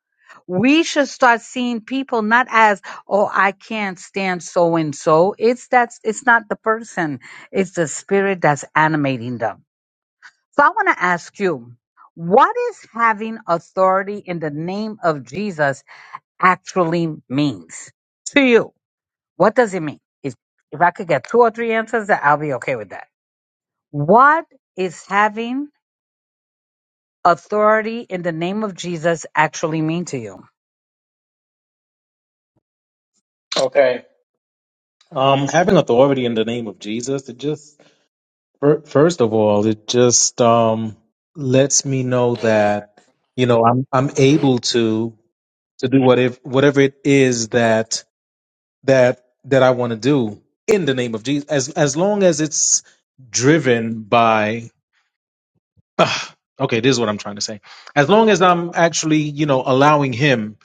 Speaker 5: We should start seeing people not as, oh, I can't stand so and so. It's that's it's not the person. It's the spirit that's animating them. So I want to ask you, what is having authority in the name of Jesus actually means to you? What does it mean? If, if I could get two or three answers, that I'll be okay with that. What is having authority in the name of Jesus actually mean to you?
Speaker 2: Okay. Um, having authority in the name of Jesus, it just fir- first of all, it just um lets me know that you know I'm I'm able to to do whatever whatever it is that that that I want to do in the name of Jesus, as as long as it's driven by Ugh, okay, this is what I'm trying to say. As long as I'm actually, you know, allowing him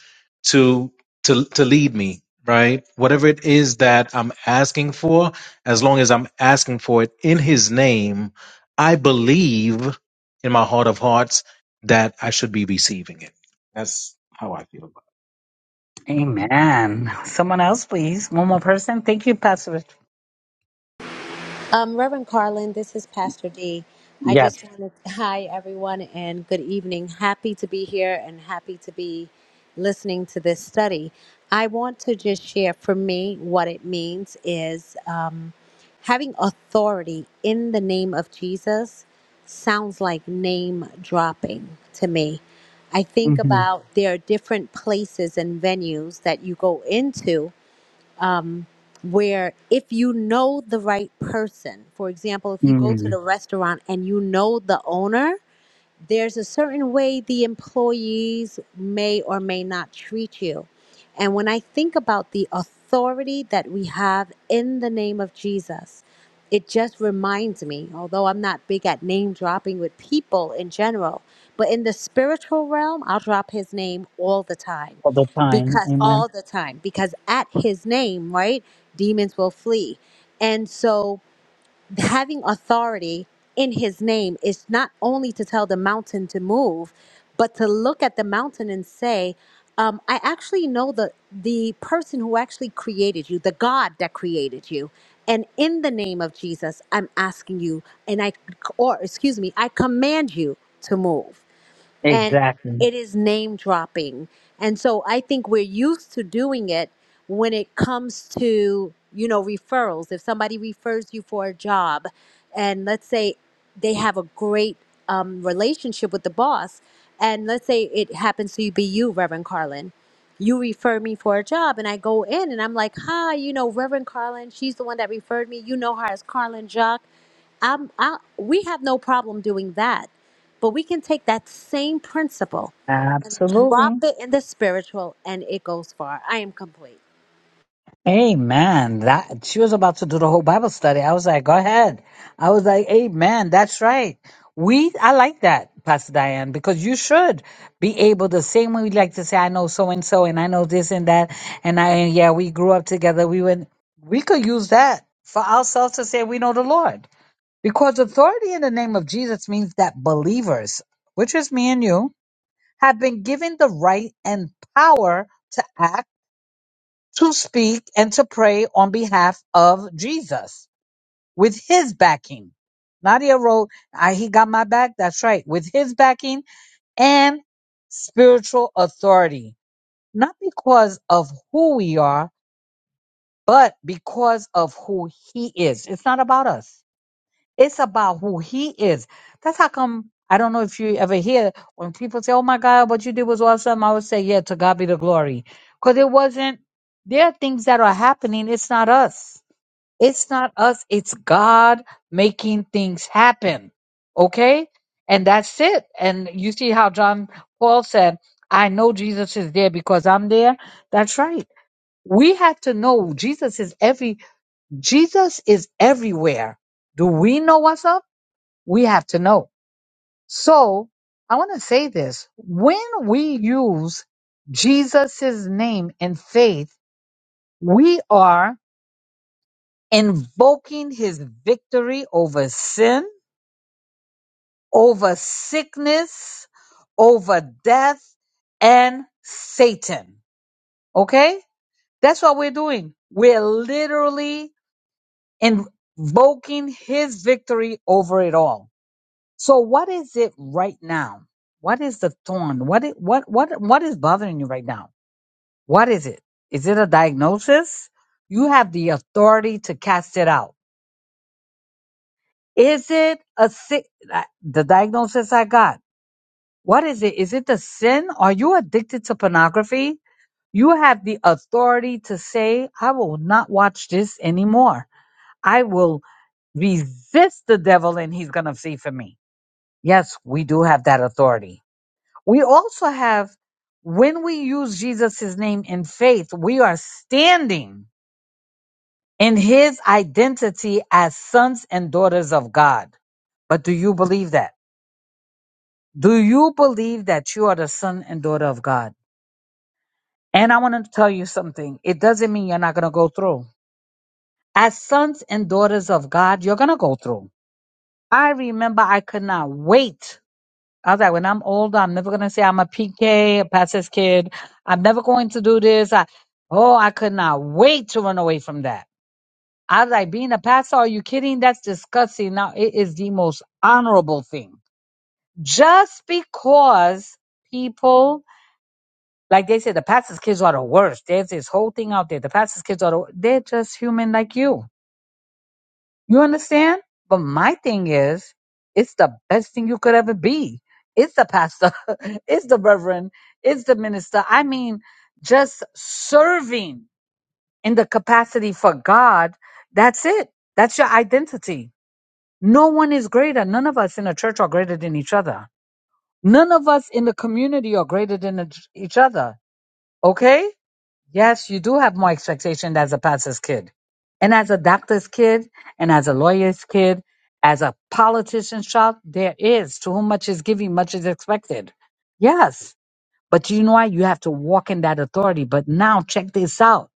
Speaker 2: to to to lead me, right? Whatever it is that I'm asking for, as long as I'm asking for it in his name, I believe in my heart of hearts that I should be receiving it. That's how I feel.
Speaker 5: Amen. Someone else, please. One more person. Thank you, Pastor. Rich.
Speaker 8: Um, Reverend Carlin, this is Pastor D. I
Speaker 5: Yes.
Speaker 8: just wanted to, hi everyone and good evening. Happy to be here and happy to be listening to this study. I want to just share for me what it means is um, having authority in the name of Jesus sounds like name dropping to me. I think
Speaker 5: Mm-hmm.
Speaker 8: about there are different places and venues that you go into um, where if you know the right person, for example, if you go to
Speaker 5: Mm.
Speaker 8: the restaurant and you know the owner, there's a certain way the employees may or may not treat you. And when I think about the authority that we have in the name of Jesus, it just reminds me, although I'm not big at name dropping with people in general, but in the spiritual realm, I'll drop his name all the time.
Speaker 5: All the time.
Speaker 8: Because
Speaker 5: Amen.
Speaker 8: all the time, because at his name, right, demons will flee. And so having authority in his name is not only to tell the mountain to move, but to look at the mountain and say, um, I actually know the the person who actually created you, the God that created you. And in the name of Jesus, I'm asking you, and I, or excuse me, I command you to move and
Speaker 5: Exactly.
Speaker 8: it is name dropping. And so I think we're used to doing it when it comes to, you know, referrals. If somebody refers you for a job and let's say they have a great um, relationship with the boss, and let's say it happens to be you, Reverend Carlin, you refer me for a job, and I go in and I'm like, hi, you know, Reverend Carlin, she's the one that referred me. You know her as Carlin Jock. I'm, I, we have no problem doing that, but we can take that same principle and
Speaker 5: Absolutely.
Speaker 8: drop it in the spiritual, and it goes far. I am complete.
Speaker 5: Amen. That she was about to do the whole Bible study. I was like, go ahead. I was like, Amen. That's right. We I like that, Pastor Diane, because you should be able the same way we like to say, I know so and so and I know this and that and I and yeah, we grew up together. We went we could use that for ourselves to say we know the Lord. Because authority in the name of Jesus means that believers, which is me and you, have been given the right and power to act to speak and to pray on behalf of Jesus with his backing. Nadia wrote, I, He got my back. That's right. With his backing and spiritual authority. Not because of who we are, but because of who he is. It's not about us. It's about who he is. That's how come I don't know if you ever hear when people say, Oh my God, what you did was awesome. I would say, Yeah, to God be the glory. Because it wasn't there are things that are happening. It's not us. It's not us. It's God making things happen. Okay? And that's it. And you see how John Paul said, I know Jesus is there because I'm there. That's right. We have to know Jesus is every Jesus is everywhere. Do we know ourselves? We have to know. So I want to say this. When we use Jesus' name in faith, we are invoking his victory over sin, over sickness, over death, and Satan. Okay? That's what we're doing. We're literally invoking his victory over it all. So what is it right now? What is the thorn? What it, what what what is bothering you right now? What is it? Is it a diagnosis? You have the authority to cast it out. Is it a sick uh, the diagnosis I got? What is it? Is it the sin? Are you addicted to pornography? You have the authority to say, I will not watch this anymore. I will resist the devil and he's going to flee from me. Yes, we do have that authority. We also have, when we use Jesus' name in faith, we are standing in his identity as sons and daughters of God. But do you believe that? Do you believe that you are the son and daughter of God? And I want to tell you something. It doesn't mean you're not going to go through. As sons and daughters of God, you're going to go through. I remember I could not wait I was like, when I'm old, I'm never gonna say I'm a PK, a pastor's kid. I'm never going to do this. I, oh, I could not wait to run away from that. I was like, being a pastor, are you kidding? That's disgusting. Now it is the most honorable thing. Just because people, like they say, the pastor's kids are the worst. There's this whole thing out there. The pastor's kids are the, they're just human like you You understand? But my thing is, it's the best thing you could ever be. It's the pastor, it's the reverend, it's the minister. I mean, just serving in the capacity for God, that's it. That's your identity. No one is greater. None of us in the church are greater than each other. None of us in the community are greater than each each other. Okay? Yes, you do have more expectation as a pastor's kid. And as a doctor's kid, and as a lawyer's kid, as a politician's child, there is. To whom much is given, much is expected. Yes. But you know what? You have to walk in that authority. But now check this out.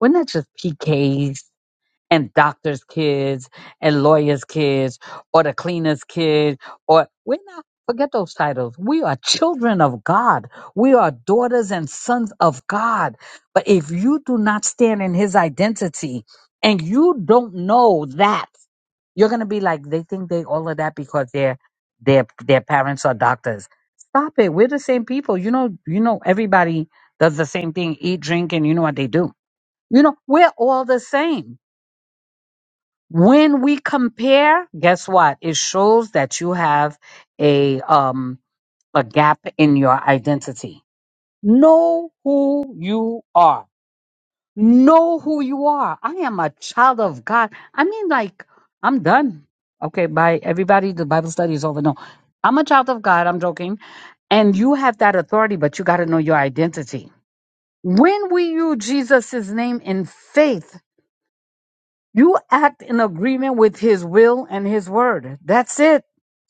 Speaker 5: We're not just PKs and doctors' kids and lawyers' kids or the cleaners' kids or we're not forget those titles. We are children of God. We are daughters and sons of God. But if you do not stand in his identity and you don't know that, you're gonna be like they think they all of that because their their their parents are doctors. Stop it. We're the same people. You know, you know everybody does the same thing, eat, drink, and you know what they do. You know, we're all the same when we compare, guess what? It shows that you have a um a gap in your identity. Know who you are. Know who you are. I am a child of God. I mean, like, I'm done. Okay, bye. Everybody, the Bible study is over. No. I'm a child of God, I'm joking. And you have that authority, but you gotta know your identity. When we use Jesus' name in faith, you act in agreement with his will and his word. That's it.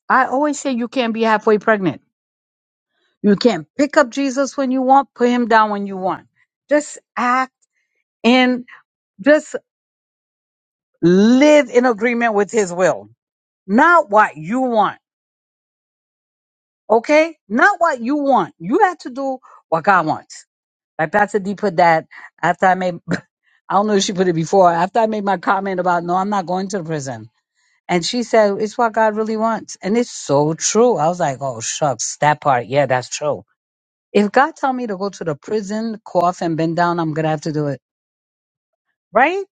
Speaker 5: I always say you can't be halfway pregnant. You can't pick up Jesus when you want, put him down when you want. Just act in, just live in agreement with his will, not what you want. Okay? Not what you want. You have to do what God wants. Like Pastor D put that after I made, I don't know if she put it before, after I made my comment about, no, I'm not going to the prison. And she said, It's what God really wants. And it's so true. I was like, Oh, shucks, that part. Yeah, that's true. If God tell me to go to the prison, cough, and bend down, I'm going to have to do it. Right?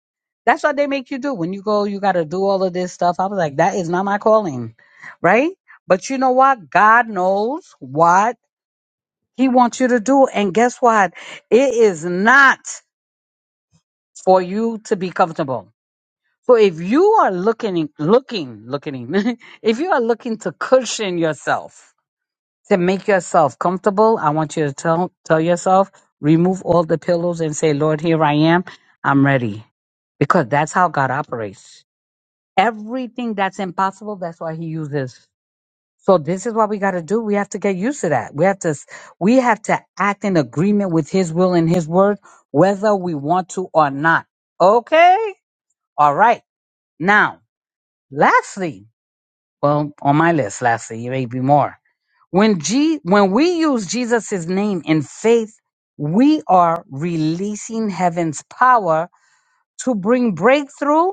Speaker 5: That's what they make you do. When you go, you got to do all of this stuff. I was like, That is not my calling. Right? But you know what? God knows what He wants you to do. And guess what? It is not for you to be comfortable. So if you are looking, looking, looking, if you are looking to cushion yourself, to make yourself comfortable. I want you to tell tell yourself, remove all the pillows and say, Lord, here I am. I'm ready. Because that's how God operates. Everything that's impossible, that's why he uses. So this is what we got to do. We have to get used to that. We have to we have to act in agreement with his will and his word whether we want to or not. Okay? All right. Now, lastly, well, on my list, lastly, you may be more. When G when we use Jesus' name in faith, we are releasing heaven's power to bring breakthrough,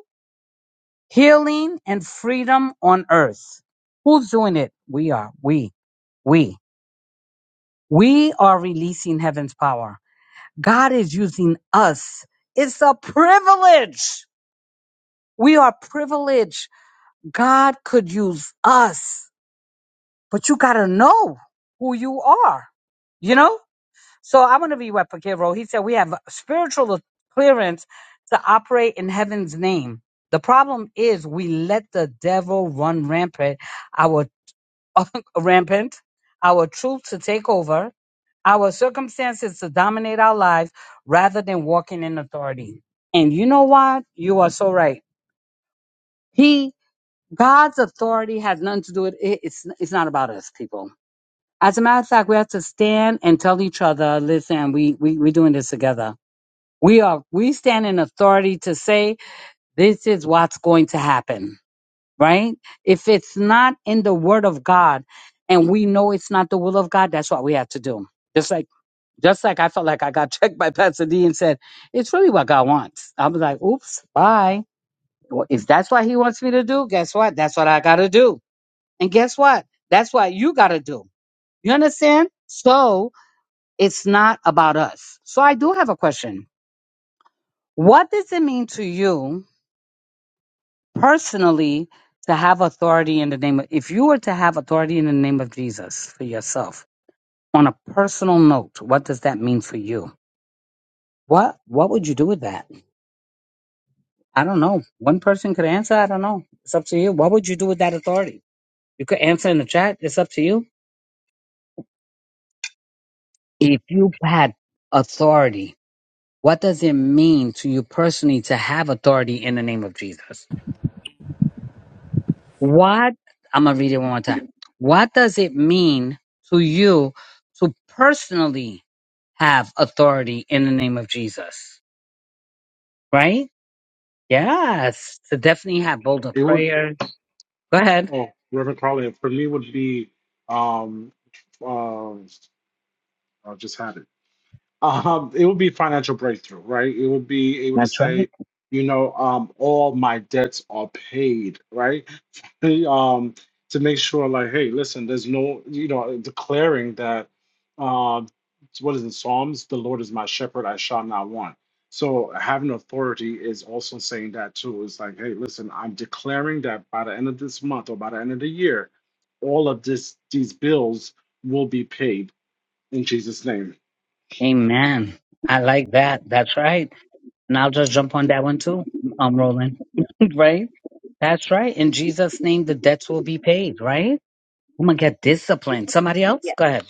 Speaker 5: healing, and freedom on earth. Who's doing it? We are. We. We. We are releasing heaven's power. God is using us. It's a privilege. We are privileged. God could use us. but you gotta know who you are, you know? So I want to be what Pekiro, he said, we have spiritual clearance to operate in heaven's name. The problem is we let the devil run rampant, our rampant, our truth to take over, our circumstances to dominate our lives rather than walking in authority. And you know what? You are so right. He, God's authority has nothing to do with it. It's, it's not about us, people as a matter of fact, we have to stand and tell each other, listen, we, we, we're doing this together. We are, we stand in authority to say, this is what's going to happen, right? If it's not in the word of God and we know it's not the will of God, that's what we have to do. Just like, just like I felt like I got checked by Pastor D and said, it's really what God wants. I was like, oops, bye. Well, If that's what he wants me to do, guess what? That's what I got to do. And guess what? That's what you got to do. You understand? So, it's not about us. So I do have a question. What does it mean to you personally to have authority in the name of, if you were to have authority in the name of Jesus for yourself on a personal note, what does that mean for you? What, what would you do with that? I don't know. One person could answer. I don't know. It's up to you. What would you do with that authority? You could answer in the chat. It's up to you. If you had authority, what does it mean to you personally to have authority in the name of Jesus? What, I'm going to read it one more time. What does it mean to you to personally have authority in the name of Jesus? Right? Yes. To definitely have bolder
Speaker 3: It would
Speaker 5: prayers. Go ahead.
Speaker 3: oh Reverend Carlin, for me would be um um I just had it. Um, it would be financial breakthrough, right? It would be able to
Speaker 5: That's
Speaker 3: say,
Speaker 5: right.
Speaker 3: you know, um, all my debts are paid, right? Hey, um, to make sure, like, hey, listen, there's no, you know, declaring that, uh, what is it, Psalms? The Lord is my shepherd; I shall not want. So having authority is also saying that too. It's like, hey, listen, I'm declaring that by the end of this month or by the end of the year, all of this these bills will be paid in Jesus' name.
Speaker 5: Amen. I like that. That's right. And I'll just jump on that one too. I'm rolling. right? That's right. In Jesus' name, the debts will be paid, right? I'm going to get disciplined. Somebody else?
Speaker 7: Yes.
Speaker 5: Go ahead.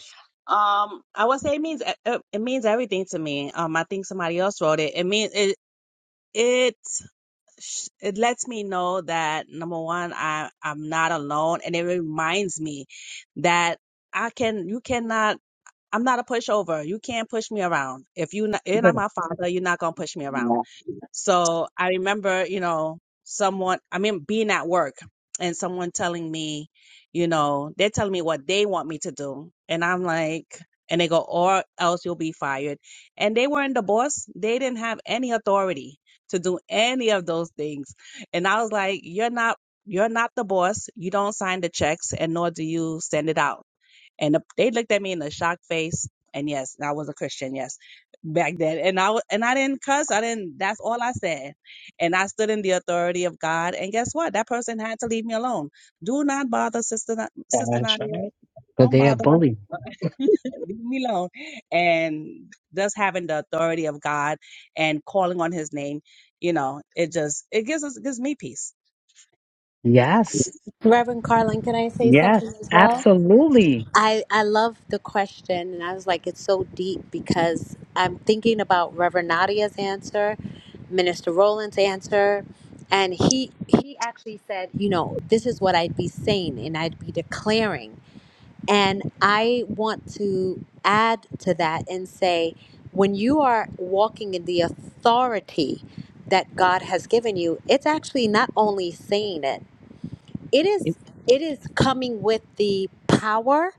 Speaker 7: Um, I would say it means it, it means everything to me. Um, I think somebody else wrote it. It means it. It sh- it lets me know that number one i i'm not alone and it reminds me that i can you cannot i'm not a pushover you can't push me around if you not,
Speaker 5: You
Speaker 7: you're not
Speaker 5: better.
Speaker 7: my father you're not gonna push me around
Speaker 5: Yeah,
Speaker 7: so I remember, you know, someone, I mean, being at work and someone telling me, you know, they're telling me what they want me to do. And I'm like, and they go, or else you'll be fired. And they weren't the boss. They didn't have any authority to do any of those things. And I was like, you're not, you're not the boss. You don't sign the checks and nor do you send it out and the, they looked at me in a shocked face. And yes, I was a Christian, yes, back then. And I wa- and I didn't cuss. I didn't. That's all I said. And I stood in the authority of God. And guess what? That person had to leave me alone. Do not bother sister Na- sister
Speaker 5: That's
Speaker 7: Nadia.
Speaker 5: right. But
Speaker 7: Don't
Speaker 5: they are
Speaker 7: bother. her.
Speaker 5: bullies.
Speaker 7: leave me alone. And just having the authority of God and calling on His name, you know, it just it gives us gives me peace.
Speaker 5: Yes.
Speaker 8: Reverend Carlin, can I say
Speaker 5: Yes.
Speaker 8: something as well?
Speaker 5: Absolutely.
Speaker 8: I I love the question, and I was like, it's so deep because I'm thinking about Reverend Nadia's answer, Minister Rowland's answer, and he he actually said, you know, this is what I'd be saying and I'd be declaring, and I want to add to that and say, when you are walking in the authority that God has given you, it's actually not only saying it; it is it is coming with the power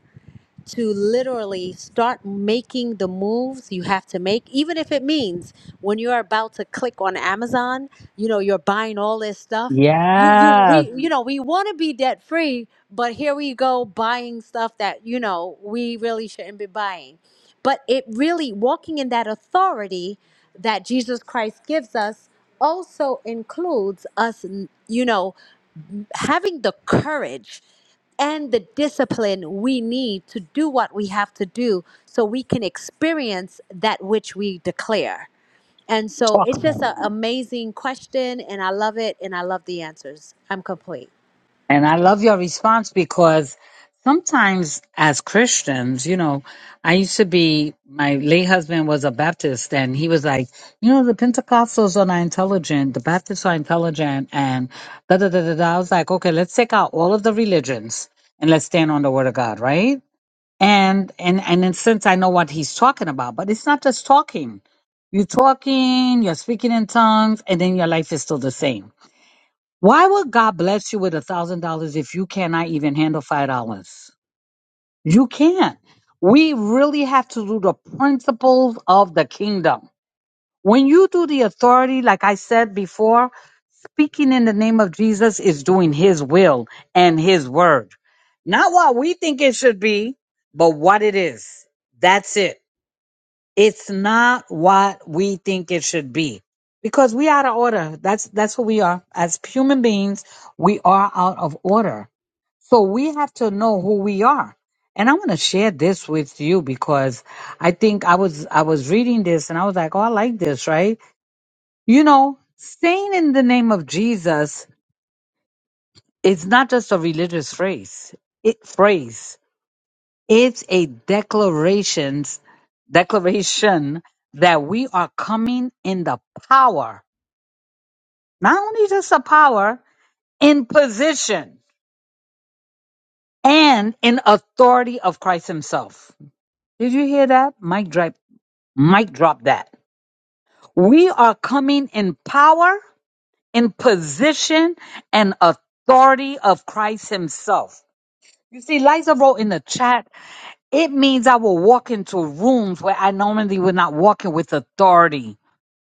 Speaker 8: to literally start making the moves you have to make, even if it means when you're about to click on Amazon, you know, you're buying all this stuff. You, you,
Speaker 5: Yeah.
Speaker 8: we, you know, we want to be debt free, but here we go buying stuff that, you know, we really shouldn't be buying. But it really, walking in that authority that Jesus Christ gives us also includes us, you know, having the courage and the discipline we need to do what we have to do so we can experience that which we declare. And so
Speaker 5: Talk
Speaker 8: it's
Speaker 5: about
Speaker 8: just
Speaker 5: it.
Speaker 8: an amazing question, and I love it, and I love the answers. I'm complete.
Speaker 5: And I love your response because sometimes as Christians, you know, I used to be, my late husband was a Baptist and he was like, you know, the Pentecostals are not intelligent. The Baptists are intelligent and da da da da da. I was like, okay, let's take out all of the religions and let's stand on the word of God, right? and and and in sense i know what he's talking about but it's not just talking you're talking you're speaking in tongues and then your life is still the same why would god bless you with a thousand dollars if you cannot even handle five dollars you can't we really have to do the principles of the kingdom when you do the authority like i said before Speaking in the name of Jesus is doing his will and his word. Not what we think it should be, but what it is. That's it. It's not what we think it should be. Because we out of order. That's that's who we are. As human beings, we are out of order. So we have to know who we are. And I want to share this with you because I think I was I was reading this and I was like, oh, I like this, right? You know, saying in the name of Jesus It's not just a religious phrase. It phrase. It's a declarations declaration that we are coming in the power, not only just the power, in position and in authority of Christ Himself. Did you hear that? Mic drop mic drop that. We are coming in power, in position, and authority of Christ Himself. You see, Liza wrote in the chat It means I will walk into rooms where I normally would not walk in with authority.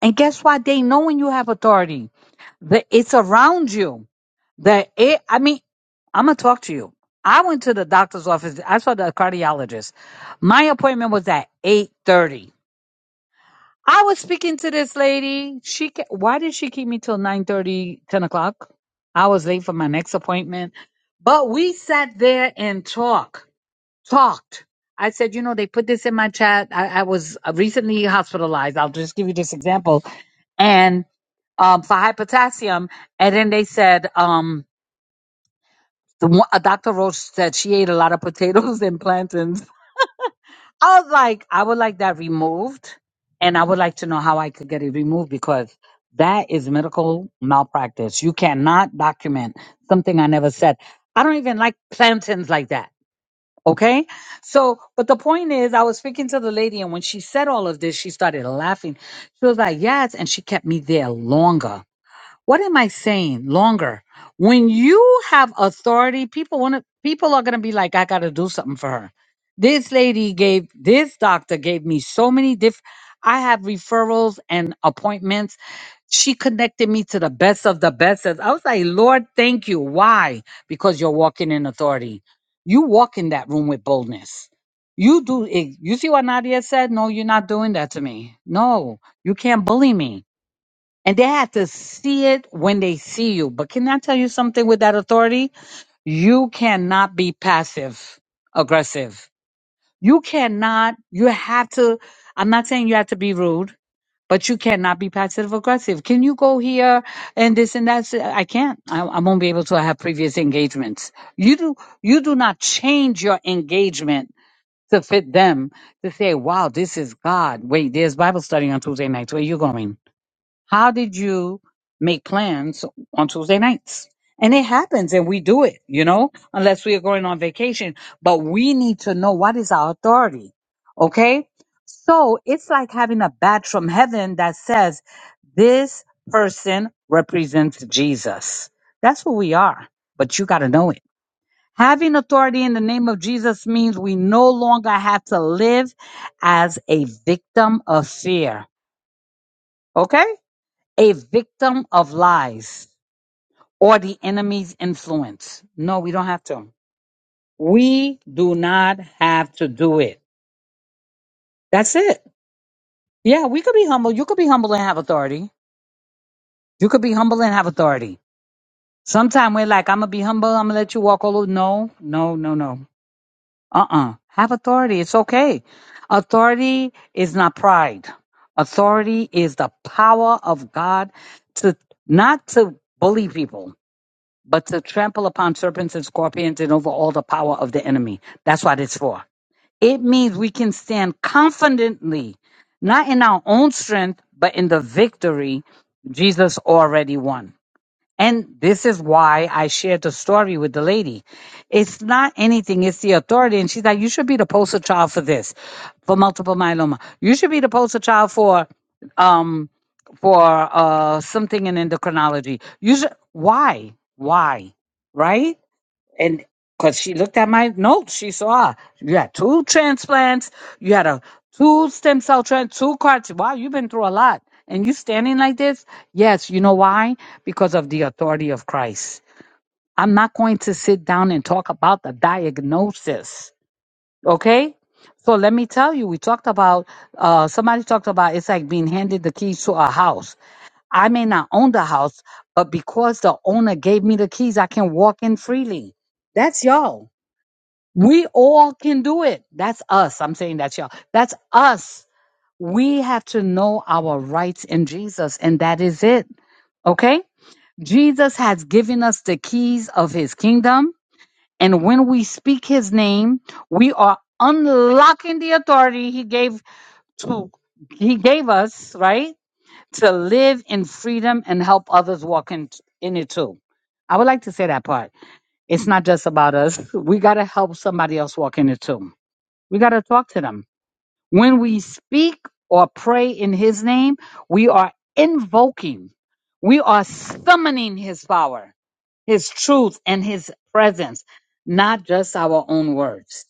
Speaker 5: And guess what? They know when you have authority. That it's around you. That it I mean, I'm gonna talk to you. I went to the doctor's office. I saw the cardiologist. My appointment was at eight thirty. I was speaking to this lady. She ke- why did she keep me till nine thirty, ten o'clock? I was late for my next appointment. But we sat there and talked talked. I said, you know, they put this in my chat. I, I was recently hospitalized. I'll just give you this example. And um, for high potassium, and then they said, um, the one, uh, Dr. Roach said she ate a lot of potatoes and plantains. I was like, I would like that removed, and I would like to know how I could get it removed because that is medical malpractice. You cannot document something I never said. I don't even like plantains like that. Okay. So, but the point is, I was speaking to the lady, and when she said all of this, she started laughing. She was like, Yes. And she kept me there longer. What am I saying? Longer. When you have authority, people want to people are going to be like I got to do something for her. This lady gave this doctor gave me so many diff I have referrals and appointments. She connected me to the best of the best. I was like, "Lord, thank you." Why? Because you're walking in authority. You walk in that room with boldness. You do. it- You see what Nadia said? No, you're not doing that to me. No, you can't bully me and they have to see it when they see you. But can I tell you something with that authority? You cannot be passive aggressive. You cannot, you have to, I'm not saying you have to be rude, but you cannot be passive aggressive. Can you go here and this and that? I can't. I, I won't be able to have previous engagements. You do, you do not change your engagement to fit them to say, wow, this is God. Wait, there's Bible study on Tuesday nights. Where you going? How did you make plans on Tuesday nights? And it happens and we do it, you know, unless we are going on vacation. But we need to know what is our authority. Okay. So it's like having a badge from heaven that says, this person represents Jesus. That's who we are. But you got to know it. Having authority in the name of Jesus means we no longer have to live as a victim of fear. Okay? A victim of lies or the enemy's influence. No, we don't have to. We do not have to do it. That's it. Yeah, we could be humble. You could be humble and have authority. You could be humble and have authority. Sometimes we're like, I'm going to be humble. I'm going to let you walk all over. No, no, no, no. Uh uh Have authority. It's okay. Authority is not pride. Authority is the power of God to not to bully people, but to trample upon serpents and scorpions and over all the power of the enemy. That's what it's for. It means we can stand confidently, not in our own strength, but in the victory Jesus already won. And this is why I shared the story with the lady. It's not anything, it's the authority. And she's like, You should be the poster child for this, for multiple myeloma. You should be the poster child for um for uh, something in endocrinology. Usually, why? Why? Right? And because she looked at my notes, she saw you had two transplants, you had a two stem cell trans, two cards. Wow, you've been through a lot. And you standing like this? Yes, you know why? Because of the authority of Christ. I'm not going to sit down and talk about the diagnosis. Okay? So let me tell you, we talked about uh somebody talked about it's like being handed the keys to a house I may not own the house, but because the owner gave me the keys, I can walk in freely. That's y'all. We all can do it. That's us. I'm saying that's y'all. That's us. We have to know our rights in Jesus, and that is it. Okay? Jesus has given us the keys of his kingdom. And when we speak his name, we are unlocking the authority he gave to he gave us, right? to live in freedom and help others walk in, in it too. I would like to say that part. It's not just about us. We got to help somebody else walk in it too. We got to talk to them. When we speak or pray in his name, we are invoking, we are summoning his power, his truth, and his presence, not just our own words.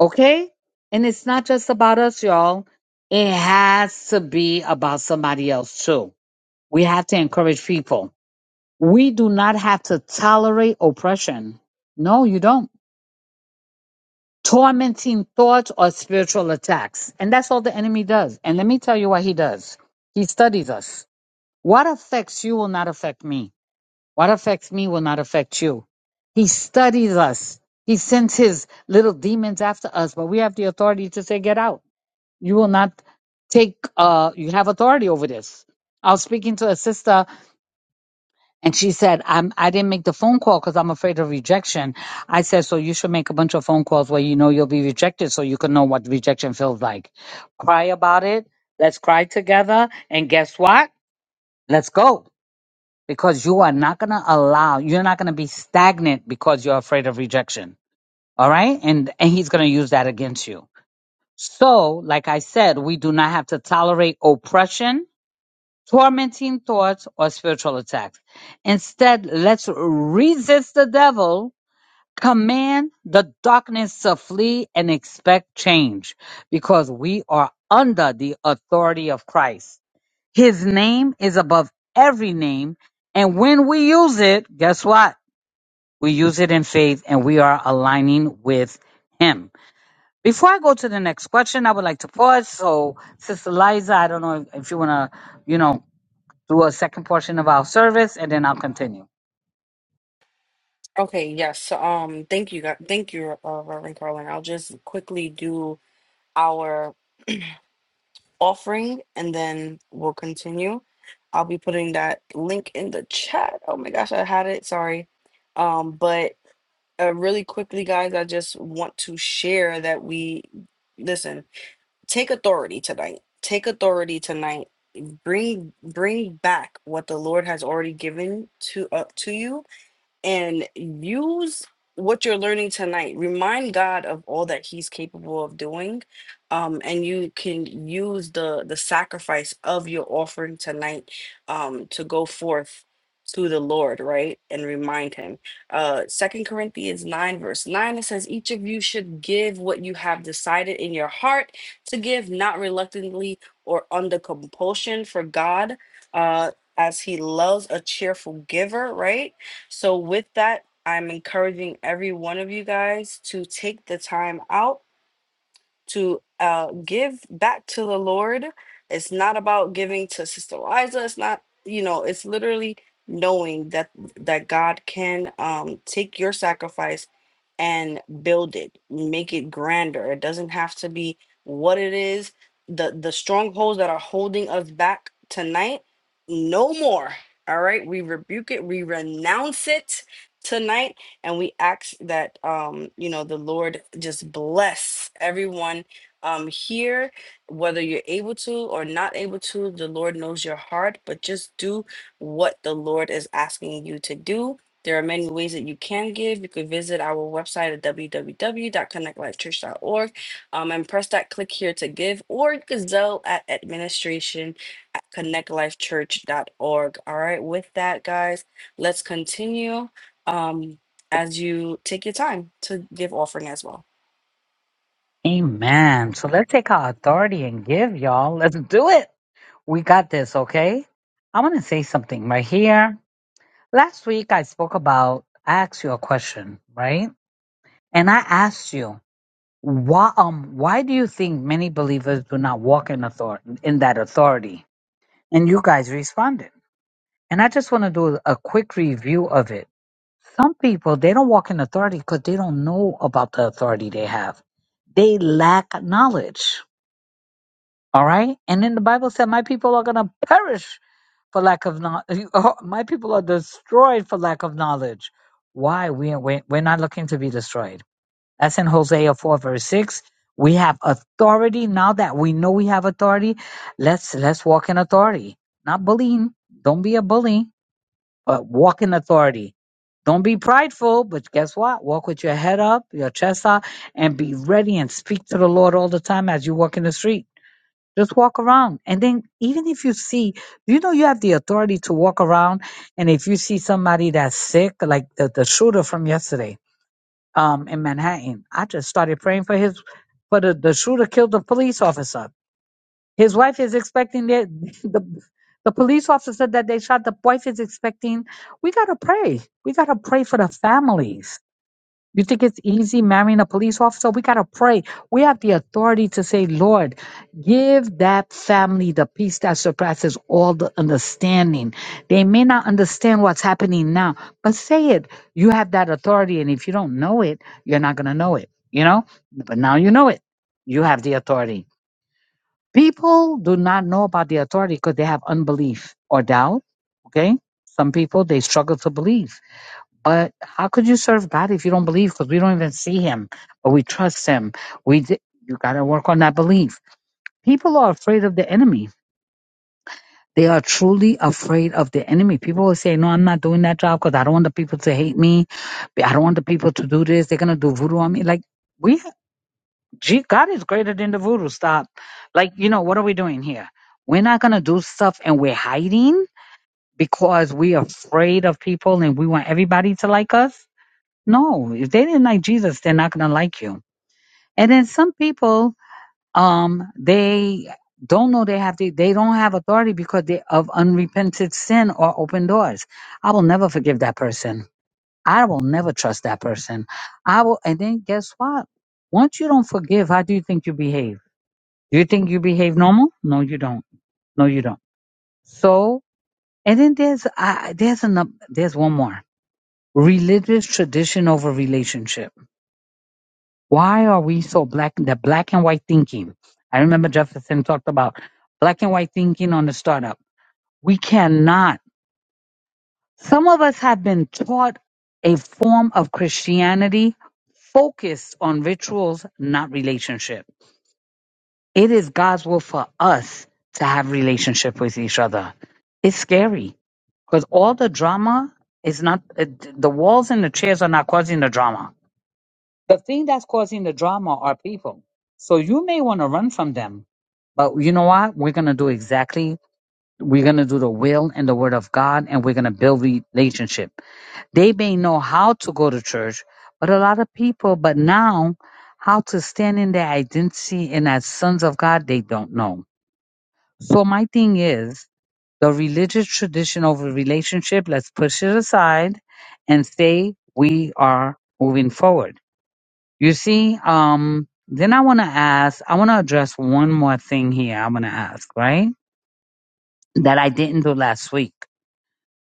Speaker 5: Okay? And it's not just about us, y'all. It has to be about somebody else too we have to encourage people. We do not have to tolerate oppression. No, you don't. Tormenting thoughts or spiritual attacks. And that's all the enemy does. And let me tell you what he does. He studies us. What affects you will not affect me. What affects me will not affect you. He studies us. He sends his little demons after us, but we have the authority to say, get out. You will not take, uh, you have authority over this. I was speaking to a sister And she said, I'm, I didn't make the phone call because I'm afraid of rejection. I said, so you should make a bunch of phone calls where you know you'll be rejected so you can know what rejection feels like. Cry about it. Let's cry together. And guess what? Let's go because you are not going to allow, you're not going to be stagnant because you're afraid of rejection. All right. And, and he's going to use that against you. So, like I said, we do not have to tolerate oppression tormenting thoughts, or spiritual attacks. Instead, let's resist the devil, command the darkness to flee, and expect change because we are under the authority of Christ. His name is above every name. And when we use it, guess what? We use it in faith and we are aligning with him. Before I go to the next question, I would like to pause. So, Sister Liza, I don't know if, if you want to, you know, do a second portion of our service, and then I'll continue.
Speaker 1: Okay, yes. So, um, thank you, God- thank you, uh, Reverend Carlin. I'll just quickly do our offering, and then we'll continue. I'll be putting that link in the chat. Oh my gosh, I had it. Sorry. Um, but uh, really quickly, guys, I just want to share that we listen. Take authority tonight. Take authority tonight. Bring bring back what the Lord has already given to up to you and use what you're learning tonight. Remind God of all that He's capable of doing, um, and you can use the the sacrifice of your offering tonight um, to go forth to the Lord, right, and remind Him. Uh, Second Corinthians nine verse nine it says, "Each of you should give what you have decided in your heart to give, not reluctantly or under compulsion, for God." Uh, as he loves a cheerful giver, right? So, with that, I'm encouraging every one of you guys to take the time out to uh, give back to the Lord. It's not about giving to Sister Liza. It's not, you know, it's literally knowing that that God can um, take your sacrifice and build it make it grander it doesn't have to be what it is the the strongholds that are holding us back tonight no more all right we rebuke it we renounce it tonight and we ask that um you know the lord just bless everyone um here whether you're able to or not able to the lord knows your heart but just do what the lord is asking you to do there are many ways that you can give. You could visit our website at www.connectlifechurch.org um, and press that click here to give, or you could Zelle at administration at connectlifechurch.org. All right, with that, guys, let's continue um, as you take your time to give offering as well.
Speaker 5: Amen. So let's take our authority and give, y'all. Let's do it. We got this, okay? I want to say something right here. Last week, I spoke about, I asked you a question, right? And I asked you, why, um, why do you think many believers do not walk in authority, in that authority? And you guys responded. And I just want to do a quick review of it Some people, they don't walk in authority because they don't know about the authority they have. They lack knowledge. All right? And then the Bible said, My people are going to perish for lack of knowledge. My people are destroyed for lack of knowledge. Why? We, we, we're not looking to be destroyed. That's in Hosea 4, verse 6. We have authority now that we know we have authority. Let's let's walk in authority. Not bullying. Don't be a bully but walk in authority. Don't be prideful, but guess what? Walk with your head up, your chest out, and be ready and speak to the Lord all the time as you walk in the street. Just walk around. And then, even if you see, you know, you have the authority to walk around. And if you see somebody that's sick, like the, the shooter from yesterday um, in Manhattan, I just started praying for his, for the, the shooter killed the police officer his wife is expecting that the the police officer that they shot. The wife is expecting. We gotta pray. We gotta pray for the families. You think it's easy marrying a police officer? We gotta pray. We have the authority to say, Lord, give that family the peace that surpasses all the understanding. They may not understand what's happening now, but say it. You have that authority, and if you don't know it, you're not gonna know it. You know. But now you know it. You have the authority. People do not know about the authority because they have unbelief or doubt. Okay. Some people, they struggle to believe. But how could you serve God if you don't believe? Because we don't even see Him, but we trust Him. We d- you got to work on that belief. People are afraid of the enemy. They are truly afraid of the enemy. People will say, "No, I'm not doing that job because I don't want the people to hate me. I don't want the people to do this. They're gonna do voodoo on me." Like. we. Gee, God is greater than the voodoo. Stop. Like, you know, what are we doing here? We're not going to do stuff and we're hiding because we're afraid of people and we want everybody to like us. No, if they didn't like Jesus, they're not going to like you. And then some people, um, they don't know they have to, they don't have authority because they of unrepented sin or open doors. I will never forgive that person. I will never trust that person. I will, and then guess what? Once you don't forgive, how do you think you behave? Do you think you behave normal? No, you don't. No, you don't. So, and then there's I there's another there's one more religious tradition over relationship. Why are we so black? The black and white thinking. I remember Jefferson talked about black and white thinking on the startup. We cannot. Some of us have been taught a form of Christianity focused on rituals, not relationship. It is God's will for us to have relationship with each other. It's scary because all the drama is not it, the walls and the chairs are not causing the drama. The thing that's causing the drama are people. So you may want to run from them, but you know what? We're gonna do exactly. We're gonna do the will and the word of God, and we're gonna build relationship. They may know how to go to church, but a lot of people, but now how to stand in their identity and as sons of God, they don't know. So my thing is the religious tradition over relationship, let's push it aside and say we are moving forward. You see, um, then I want to ask, I want to address one more thing here. I'm going to ask, right? That I didn't do last week.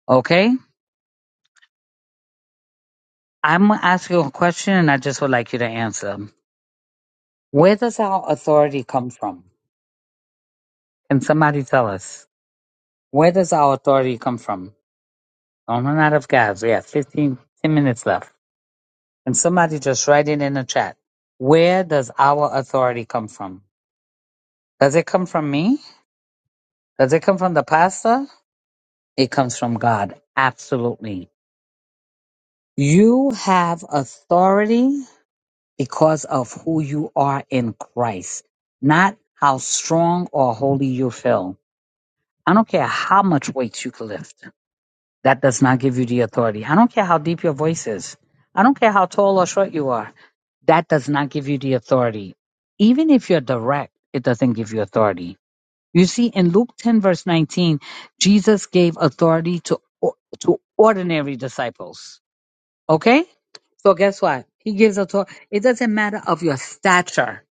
Speaker 5: Okay. I'm going to ask you a question and I just would like you to answer. Where does our authority come from? Can somebody tell us? Where does our authority come from? Don't run out of gas. We have 15 10 minutes left. And somebody just writing in the chat, where does our authority come from? Does it come from me? Does it come from the pastor? It comes from God. Absolutely. You have authority because of who you are in Christ, not how strong or holy you feel. I don't care how much weight you can lift. That does not give you the authority. I don't care how deep your voice is. I don't care how tall or short you are. That does not give you the authority. Even if you're direct, it doesn't give you authority. You see, in Luke 10, verse 19, Jesus gave authority to, to ordinary disciples. Okay? So guess what? He gives authority. It doesn't matter of your stature.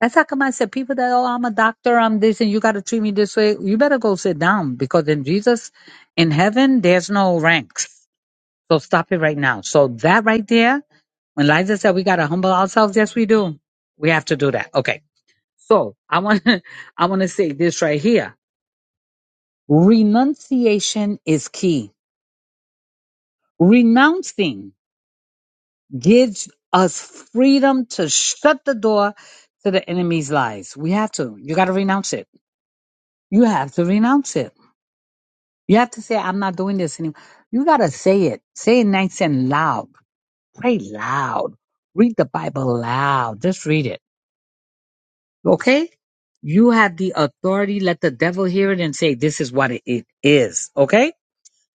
Speaker 5: That's how come I said people that, oh, I'm a doctor, I'm this, and you got to treat me this way. You better go sit down because in Jesus, in heaven, there's no ranks. So stop it right now. So that right there, when Liza said we gotta humble ourselves, yes we do. We have to do that. Okay. So I want to I want to say this right here. Renunciation is key. Renouncing gives us freedom to shut the door to the enemy's lies. We have to. You gotta renounce it. You have to renounce it. You have to say, I'm not doing this anymore. You gotta say it. Say it nice and loud. Pray loud. Read the Bible loud. Just read it Okay? You have the authority. Let the devil hear it and say, this is what it it is. Okay?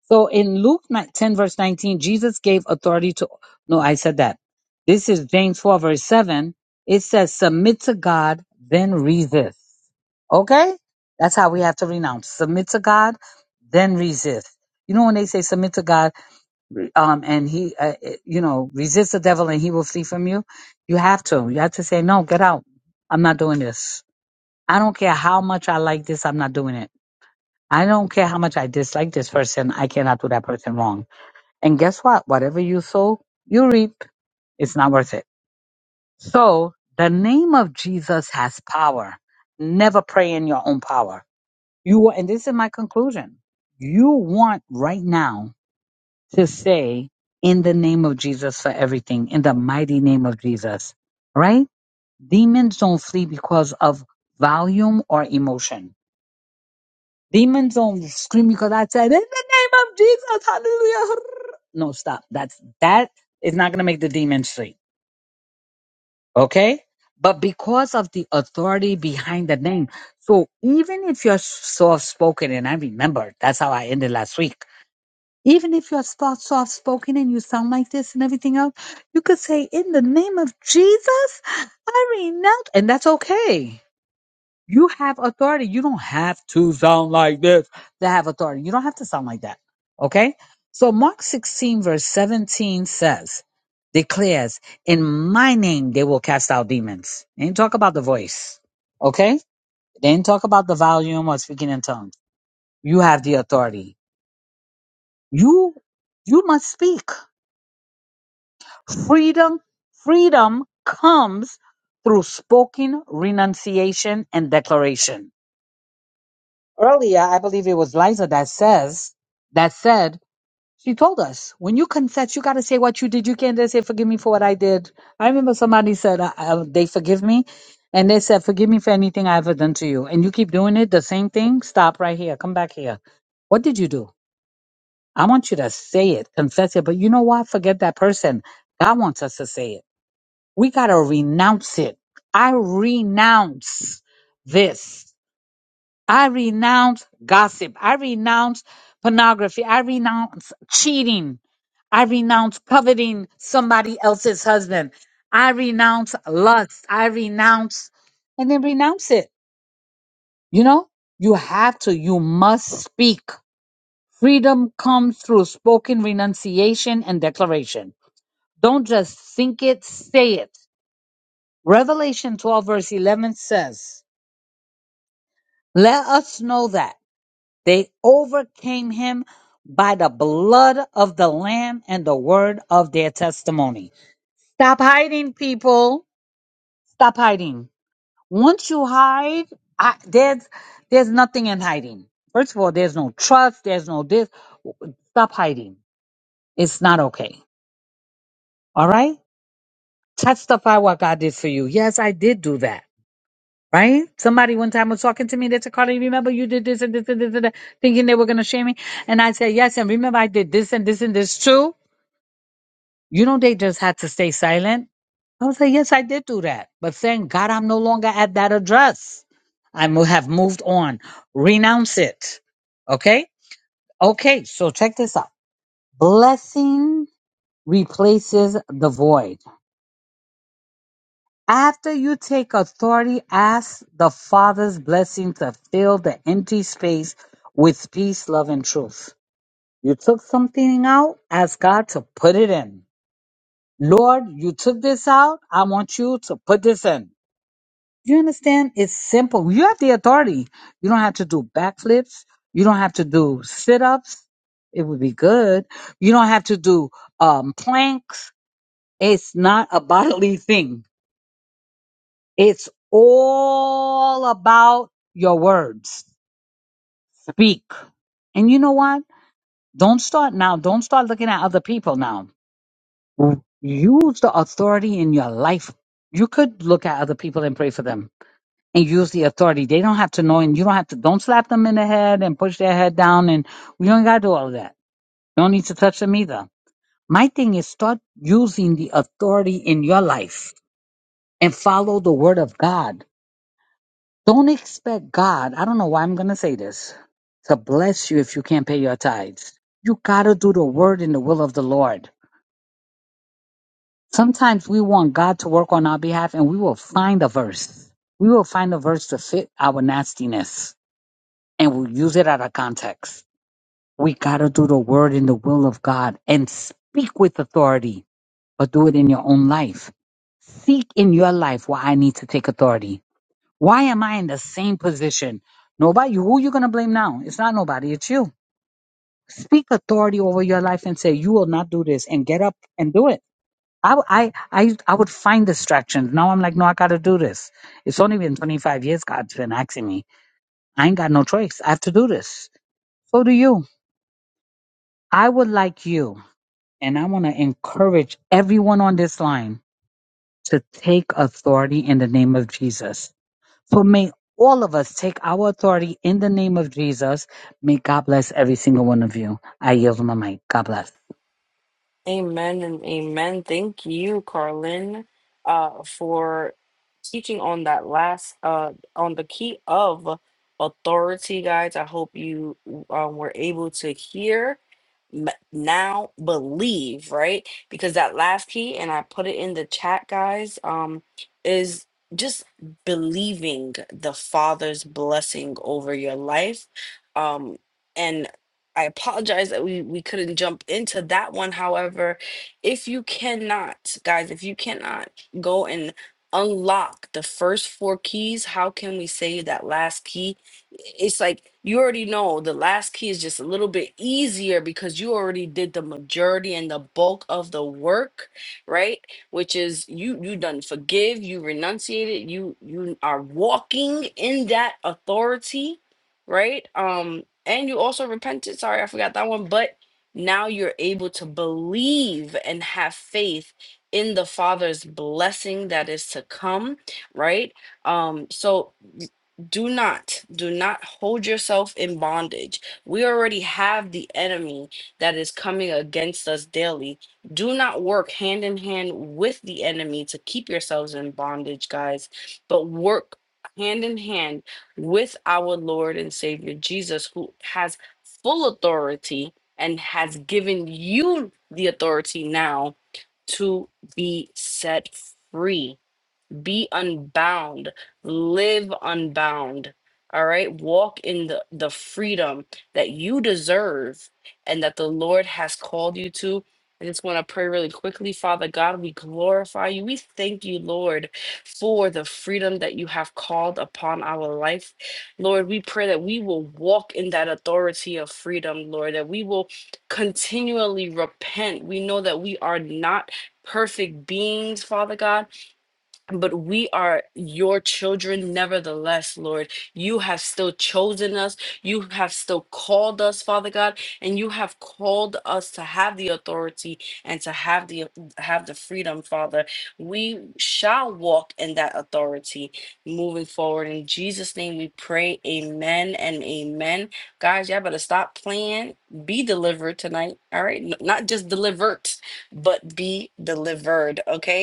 Speaker 5: So in Luke ni- 10, verse 19, Jesus gave authority to, no, I said that. This is James 4, verse 7. It says, submit to God, then resist. Okay? That's how we have to renounce. Submit to God, then resist. You know, when they say submit to God, um, and he, uh, uh, you know, resist the devil and he will flee from you, you have to. You have to say, no, get out. I'm not doing this. I don't care how much I like this, I'm not doing it. I don't care how much I dislike this person, I cannot do that person wrong. And guess what? Whatever you sow, you reap. It's not worth it. So the name of Jesus has power. Never pray in your own power. You wa- and this is my conclusion. You want right now to say in the name of Jesus for everything, in the mighty name of Jesus, right? Demons don't flee because of volume or emotion Demons don't scream because I said, in the name of Jesus, hallelujah. No, stop. That's that is not gonna make the demon sleep. Okay? But because of the authority behind the name. So even if you're soft spoken, and I remember that's how I ended last week. Even if you're soft spoken and you sound like this and everything else, you could say, In the name of Jesus, I renounce. And that's okay. You have authority. You don't have to sound like this to have authority. You don't have to sound like that. Okay? So Mark 16 verse 17 says, declares, in my name they will cast out demons. They didn't talk about the voice. Okay? They didn't talk about the volume or speaking in tongues. You have the authority. You, you must speak. Freedom, freedom comes through spoken renunciation and declaration. earlier, I believe it was Liza that says that said she told us when you confess, you got to say what you did. You can't just say forgive me for what I did. I remember somebody said uh, uh, they forgive me, and they said forgive me for anything I ever done to you, and you keep doing it the same thing. Stop right here. Come back here. What did you do? I want you to say it, confess it. But you know what? Forget that person. God wants us to say it. We got to renounce it. I renounce this. I renounce gossip. I renounce pornography. I renounce cheating. I renounce coveting somebody else's husband. I renounce lust. I renounce and then renounce it. You know, you have to, you must speak. Freedom comes through spoken renunciation and declaration. Don't just think it, say it. Revelation 12, verse 11 says, Let us know that. They overcame him by the blood of the Lamb and the word of their testimony. Stop hiding, people. Stop hiding. Once you hide, I, there's there's nothing in hiding. First of all, there's no trust. There's no this. Stop hiding. It's not okay. All right. Testify what God did for you. Yes, I did do that. Right? Somebody one time was talking to me. They said, Carly, remember you did this and this and this and that, thinking they were going to shame me. And I said, yes. And remember I did this and this and this too. You know, they just had to stay silent. I was like, yes, I did do that. But thank God I'm no longer at that address. I mo- have moved on. Renounce it. Okay? Okay. So check this out. Blessing replaces the void. After you take authority, ask the Father's blessing to fill the empty space with peace, love, and truth. You took something out, ask God to put it in. Lord, you took this out, I want you to put this in. You understand? It's simple. You have the authority. You don't have to do backflips. You don't have to do sit ups. It would be good. You don't have to do um, planks. It's not a bodily thing It's all about your words. Speak. And you know what? Don't start now. Don't start looking at other people now. Use the authority in your life. You could look at other people and pray for them and use the authority. They don't have to know and you don't have to, don't slap them in the head and push their head down. And we don't got to do all of that. You don't need to touch them either. My thing is start using the authority in your life and follow the word of God Don't expect God, I don't know why I'm going to say this, to bless you if you can't pay your tithes. You got to do the word and the will of the Lord. Sometimes we want God to work on our behalf and we will find a verse. We will find a verse to fit our nastiness and we'll use it out of context. We got to do the word and the will of God and speak with authority, but do it in your own life. Seek in your life why I need to take authority. Why am I in the same position? Nobody. Who you gonna blame now? It's not nobody. It's you. Speak authority over your life and say you will not do this, and get up and do it. I w- I I, I would find distractions. Now I'm like, no, I gotta do this. It's only been 25 years God's been asking me. I ain't got no choice. I have to do this. So do you. I would like you, and I want to encourage everyone on this line to take authority in the name of Jesus So may all of us take our authority in the name of Jesus. May God bless every single one of you. I yield my mic. God bless.
Speaker 1: Amen and amen. Thank you, Carlin, uh, for teaching on that last uh on the key of authority, guys. I hope you um, were able to hear m- now believe right because that last key and i put it in the chat guys um is just believing the father's blessing over your life um and i apologize that we we couldn't jump into that one however if you cannot guys if you cannot go and unlock the first four keys how can we say that last key it's like you already know the last key is just a little bit easier because you already did the majority and the bulk of the work right which is you you done forgive you renunciated you you are walking in that authority right um and you also repented sorry i forgot that one but now you're able to believe and have faith in the father's blessing that is to come right um so do not do not hold yourself in bondage we already have the enemy that is coming against us daily do not work hand in hand with the enemy to keep yourselves in bondage guys but work hand in hand with our lord and savior jesus who has full authority and has given you the authority now to be set free be unbound live unbound all right walk in the the freedom that you deserve and that the lord has called you to i just want to pray really quickly father god we glorify you we thank you lord for the freedom that you have called upon our life lord we pray that we will walk in that authority of freedom lord that we will continually repent we know that we are not perfect beings father god but we are your children nevertheless lord you have still chosen us you have still called us father god and you have called us to have the authority and to have the have the freedom father we shall walk in that authority moving forward in jesus name we pray amen and amen guys y'all better stop playing be delivered tonight all right N- not just delivered but be delivered okay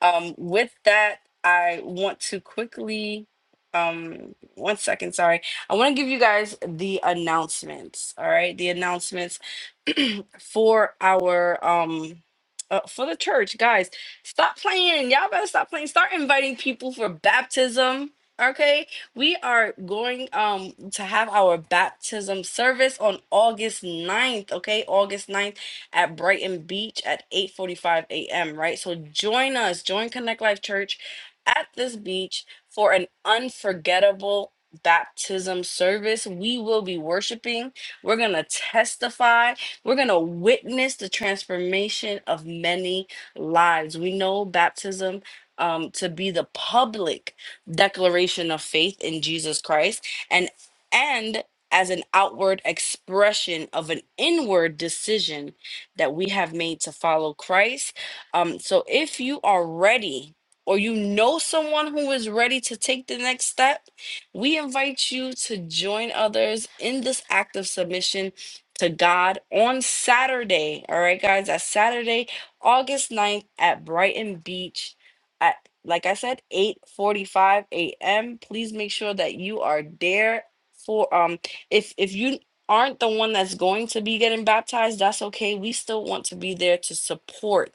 Speaker 1: um, with that, I want to quickly, um, one second, sorry. I want to give you guys the announcements. All right, the announcements for our um. Uh, for the church, guys, stop playing. Y'all better stop playing. Start inviting people for baptism. Okay, we are going um to have our baptism service on August ninth. Okay, August ninth at Brighton Beach at 8:45 a.m. Right, so join us, join Connect Life Church at this beach for an unforgettable baptism service. We will be worshiping. We're gonna testify. We're gonna witness the transformation of many lives. We know baptism. Um, to be the public declaration of faith in Jesus Christ and and as an outward expression of an inward decision that we have made to follow Christ. Um, so if you are ready, or you know someone who is ready to take the next step, we invite you to join others in this act of submission to God on Saturday. All right, guys, that's Saturday, August ninth at Brighton Beach at like I said, 8:45 a.m. Please make sure that you are there for um if if you aren't the one that's going to be getting baptized, that's okay. We still want to be there to support.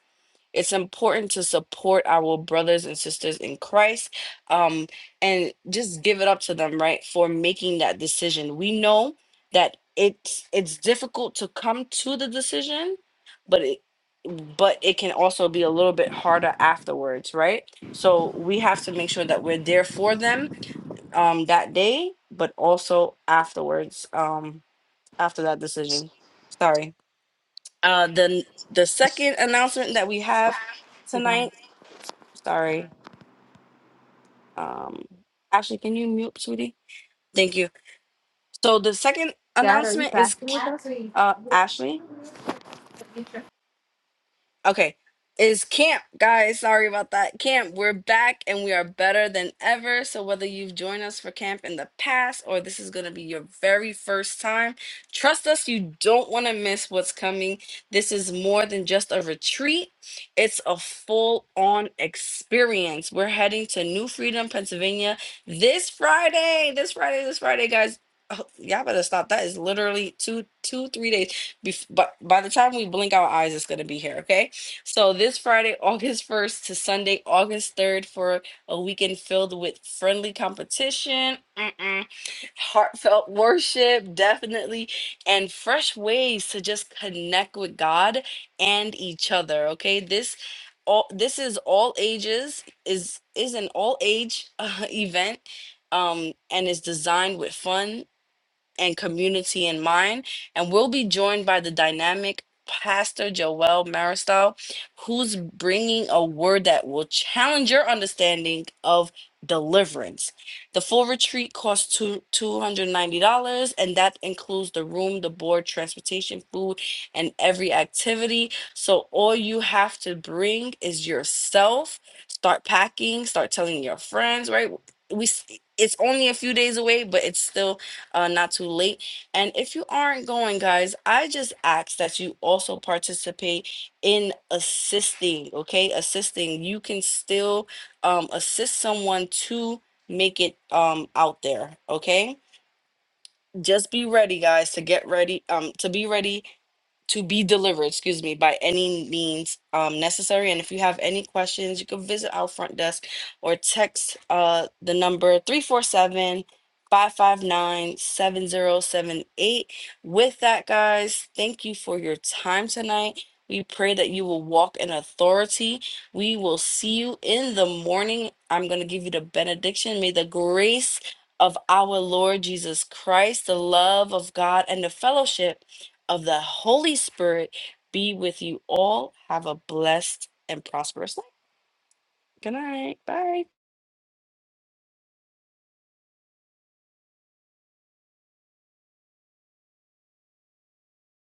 Speaker 1: It's important to support our brothers and sisters in Christ um, and just give it up to them, right, for making that decision. We know that it's it's difficult to come to the decision, but it but it can also be a little bit harder afterwards, right? So we have to make sure that we're there for them um, that day, but also afterwards. Um, after that decision. Sorry. Uh, the the second announcement that we have
Speaker 9: So,
Speaker 1: tonight.
Speaker 9: God,
Speaker 1: Sorry. Um, Ashley, can you mute, sweetie? Thank you. So the second
Speaker 9: Dad, are you
Speaker 1: announcement is,
Speaker 9: fasting with us?
Speaker 1: uh, Ashley. Okay. Is camp, guys. Sorry about that. Camp, we're back and we are better than ever. So, whether you've joined us for camp in the past or this is going to be your very first time, trust us, you don't want to miss what's coming. This is more than just a retreat, it's a full on experience. We're heading to New Freedom, Pennsylvania this Friday. This Friday, this Friday, guys. Oh, y'all better stop. That is literally two, two, three days. Bef- but by the time we blink our eyes, it's gonna be here. Okay. So this Friday, August 1st to Sunday, August 3rd for a weekend filled with friendly competition, mm-mm, heartfelt worship, definitely, and fresh ways to just connect with God and each other. Okay. This all this is all ages, is is an all age uh, event. Um, and is designed with fun and community in mind. And we'll be joined by the dynamic Pastor Joel Maristal, who's bringing a word that will challenge your understanding of deliverance. The full retreat costs two, $290, and that includes the room, the board, transportation, food, and every activity. So all you have to bring is yourself. Start packing, start telling your friends, right? We s- it's only a few days away, but it's still uh, not too late. And if you aren't going, guys, I just ask that you also participate in assisting, okay? Assisting. You can still um, assist someone to make it um, out there, okay? Just be ready, guys, to get ready, um, to be ready to be delivered, excuse me, by any means um, necessary. And if you have any questions, you can visit our front desk or text uh, the number 347 559 7078. With that, guys, thank you for your time tonight. We pray that you will walk in authority. We will see you in the morning. I'm going to give you the benediction. May the grace of our Lord Jesus Christ, the love of God, and the fellowship of the Holy Spirit be with you all. Have a blessed and prosperous night. Good night. Bye.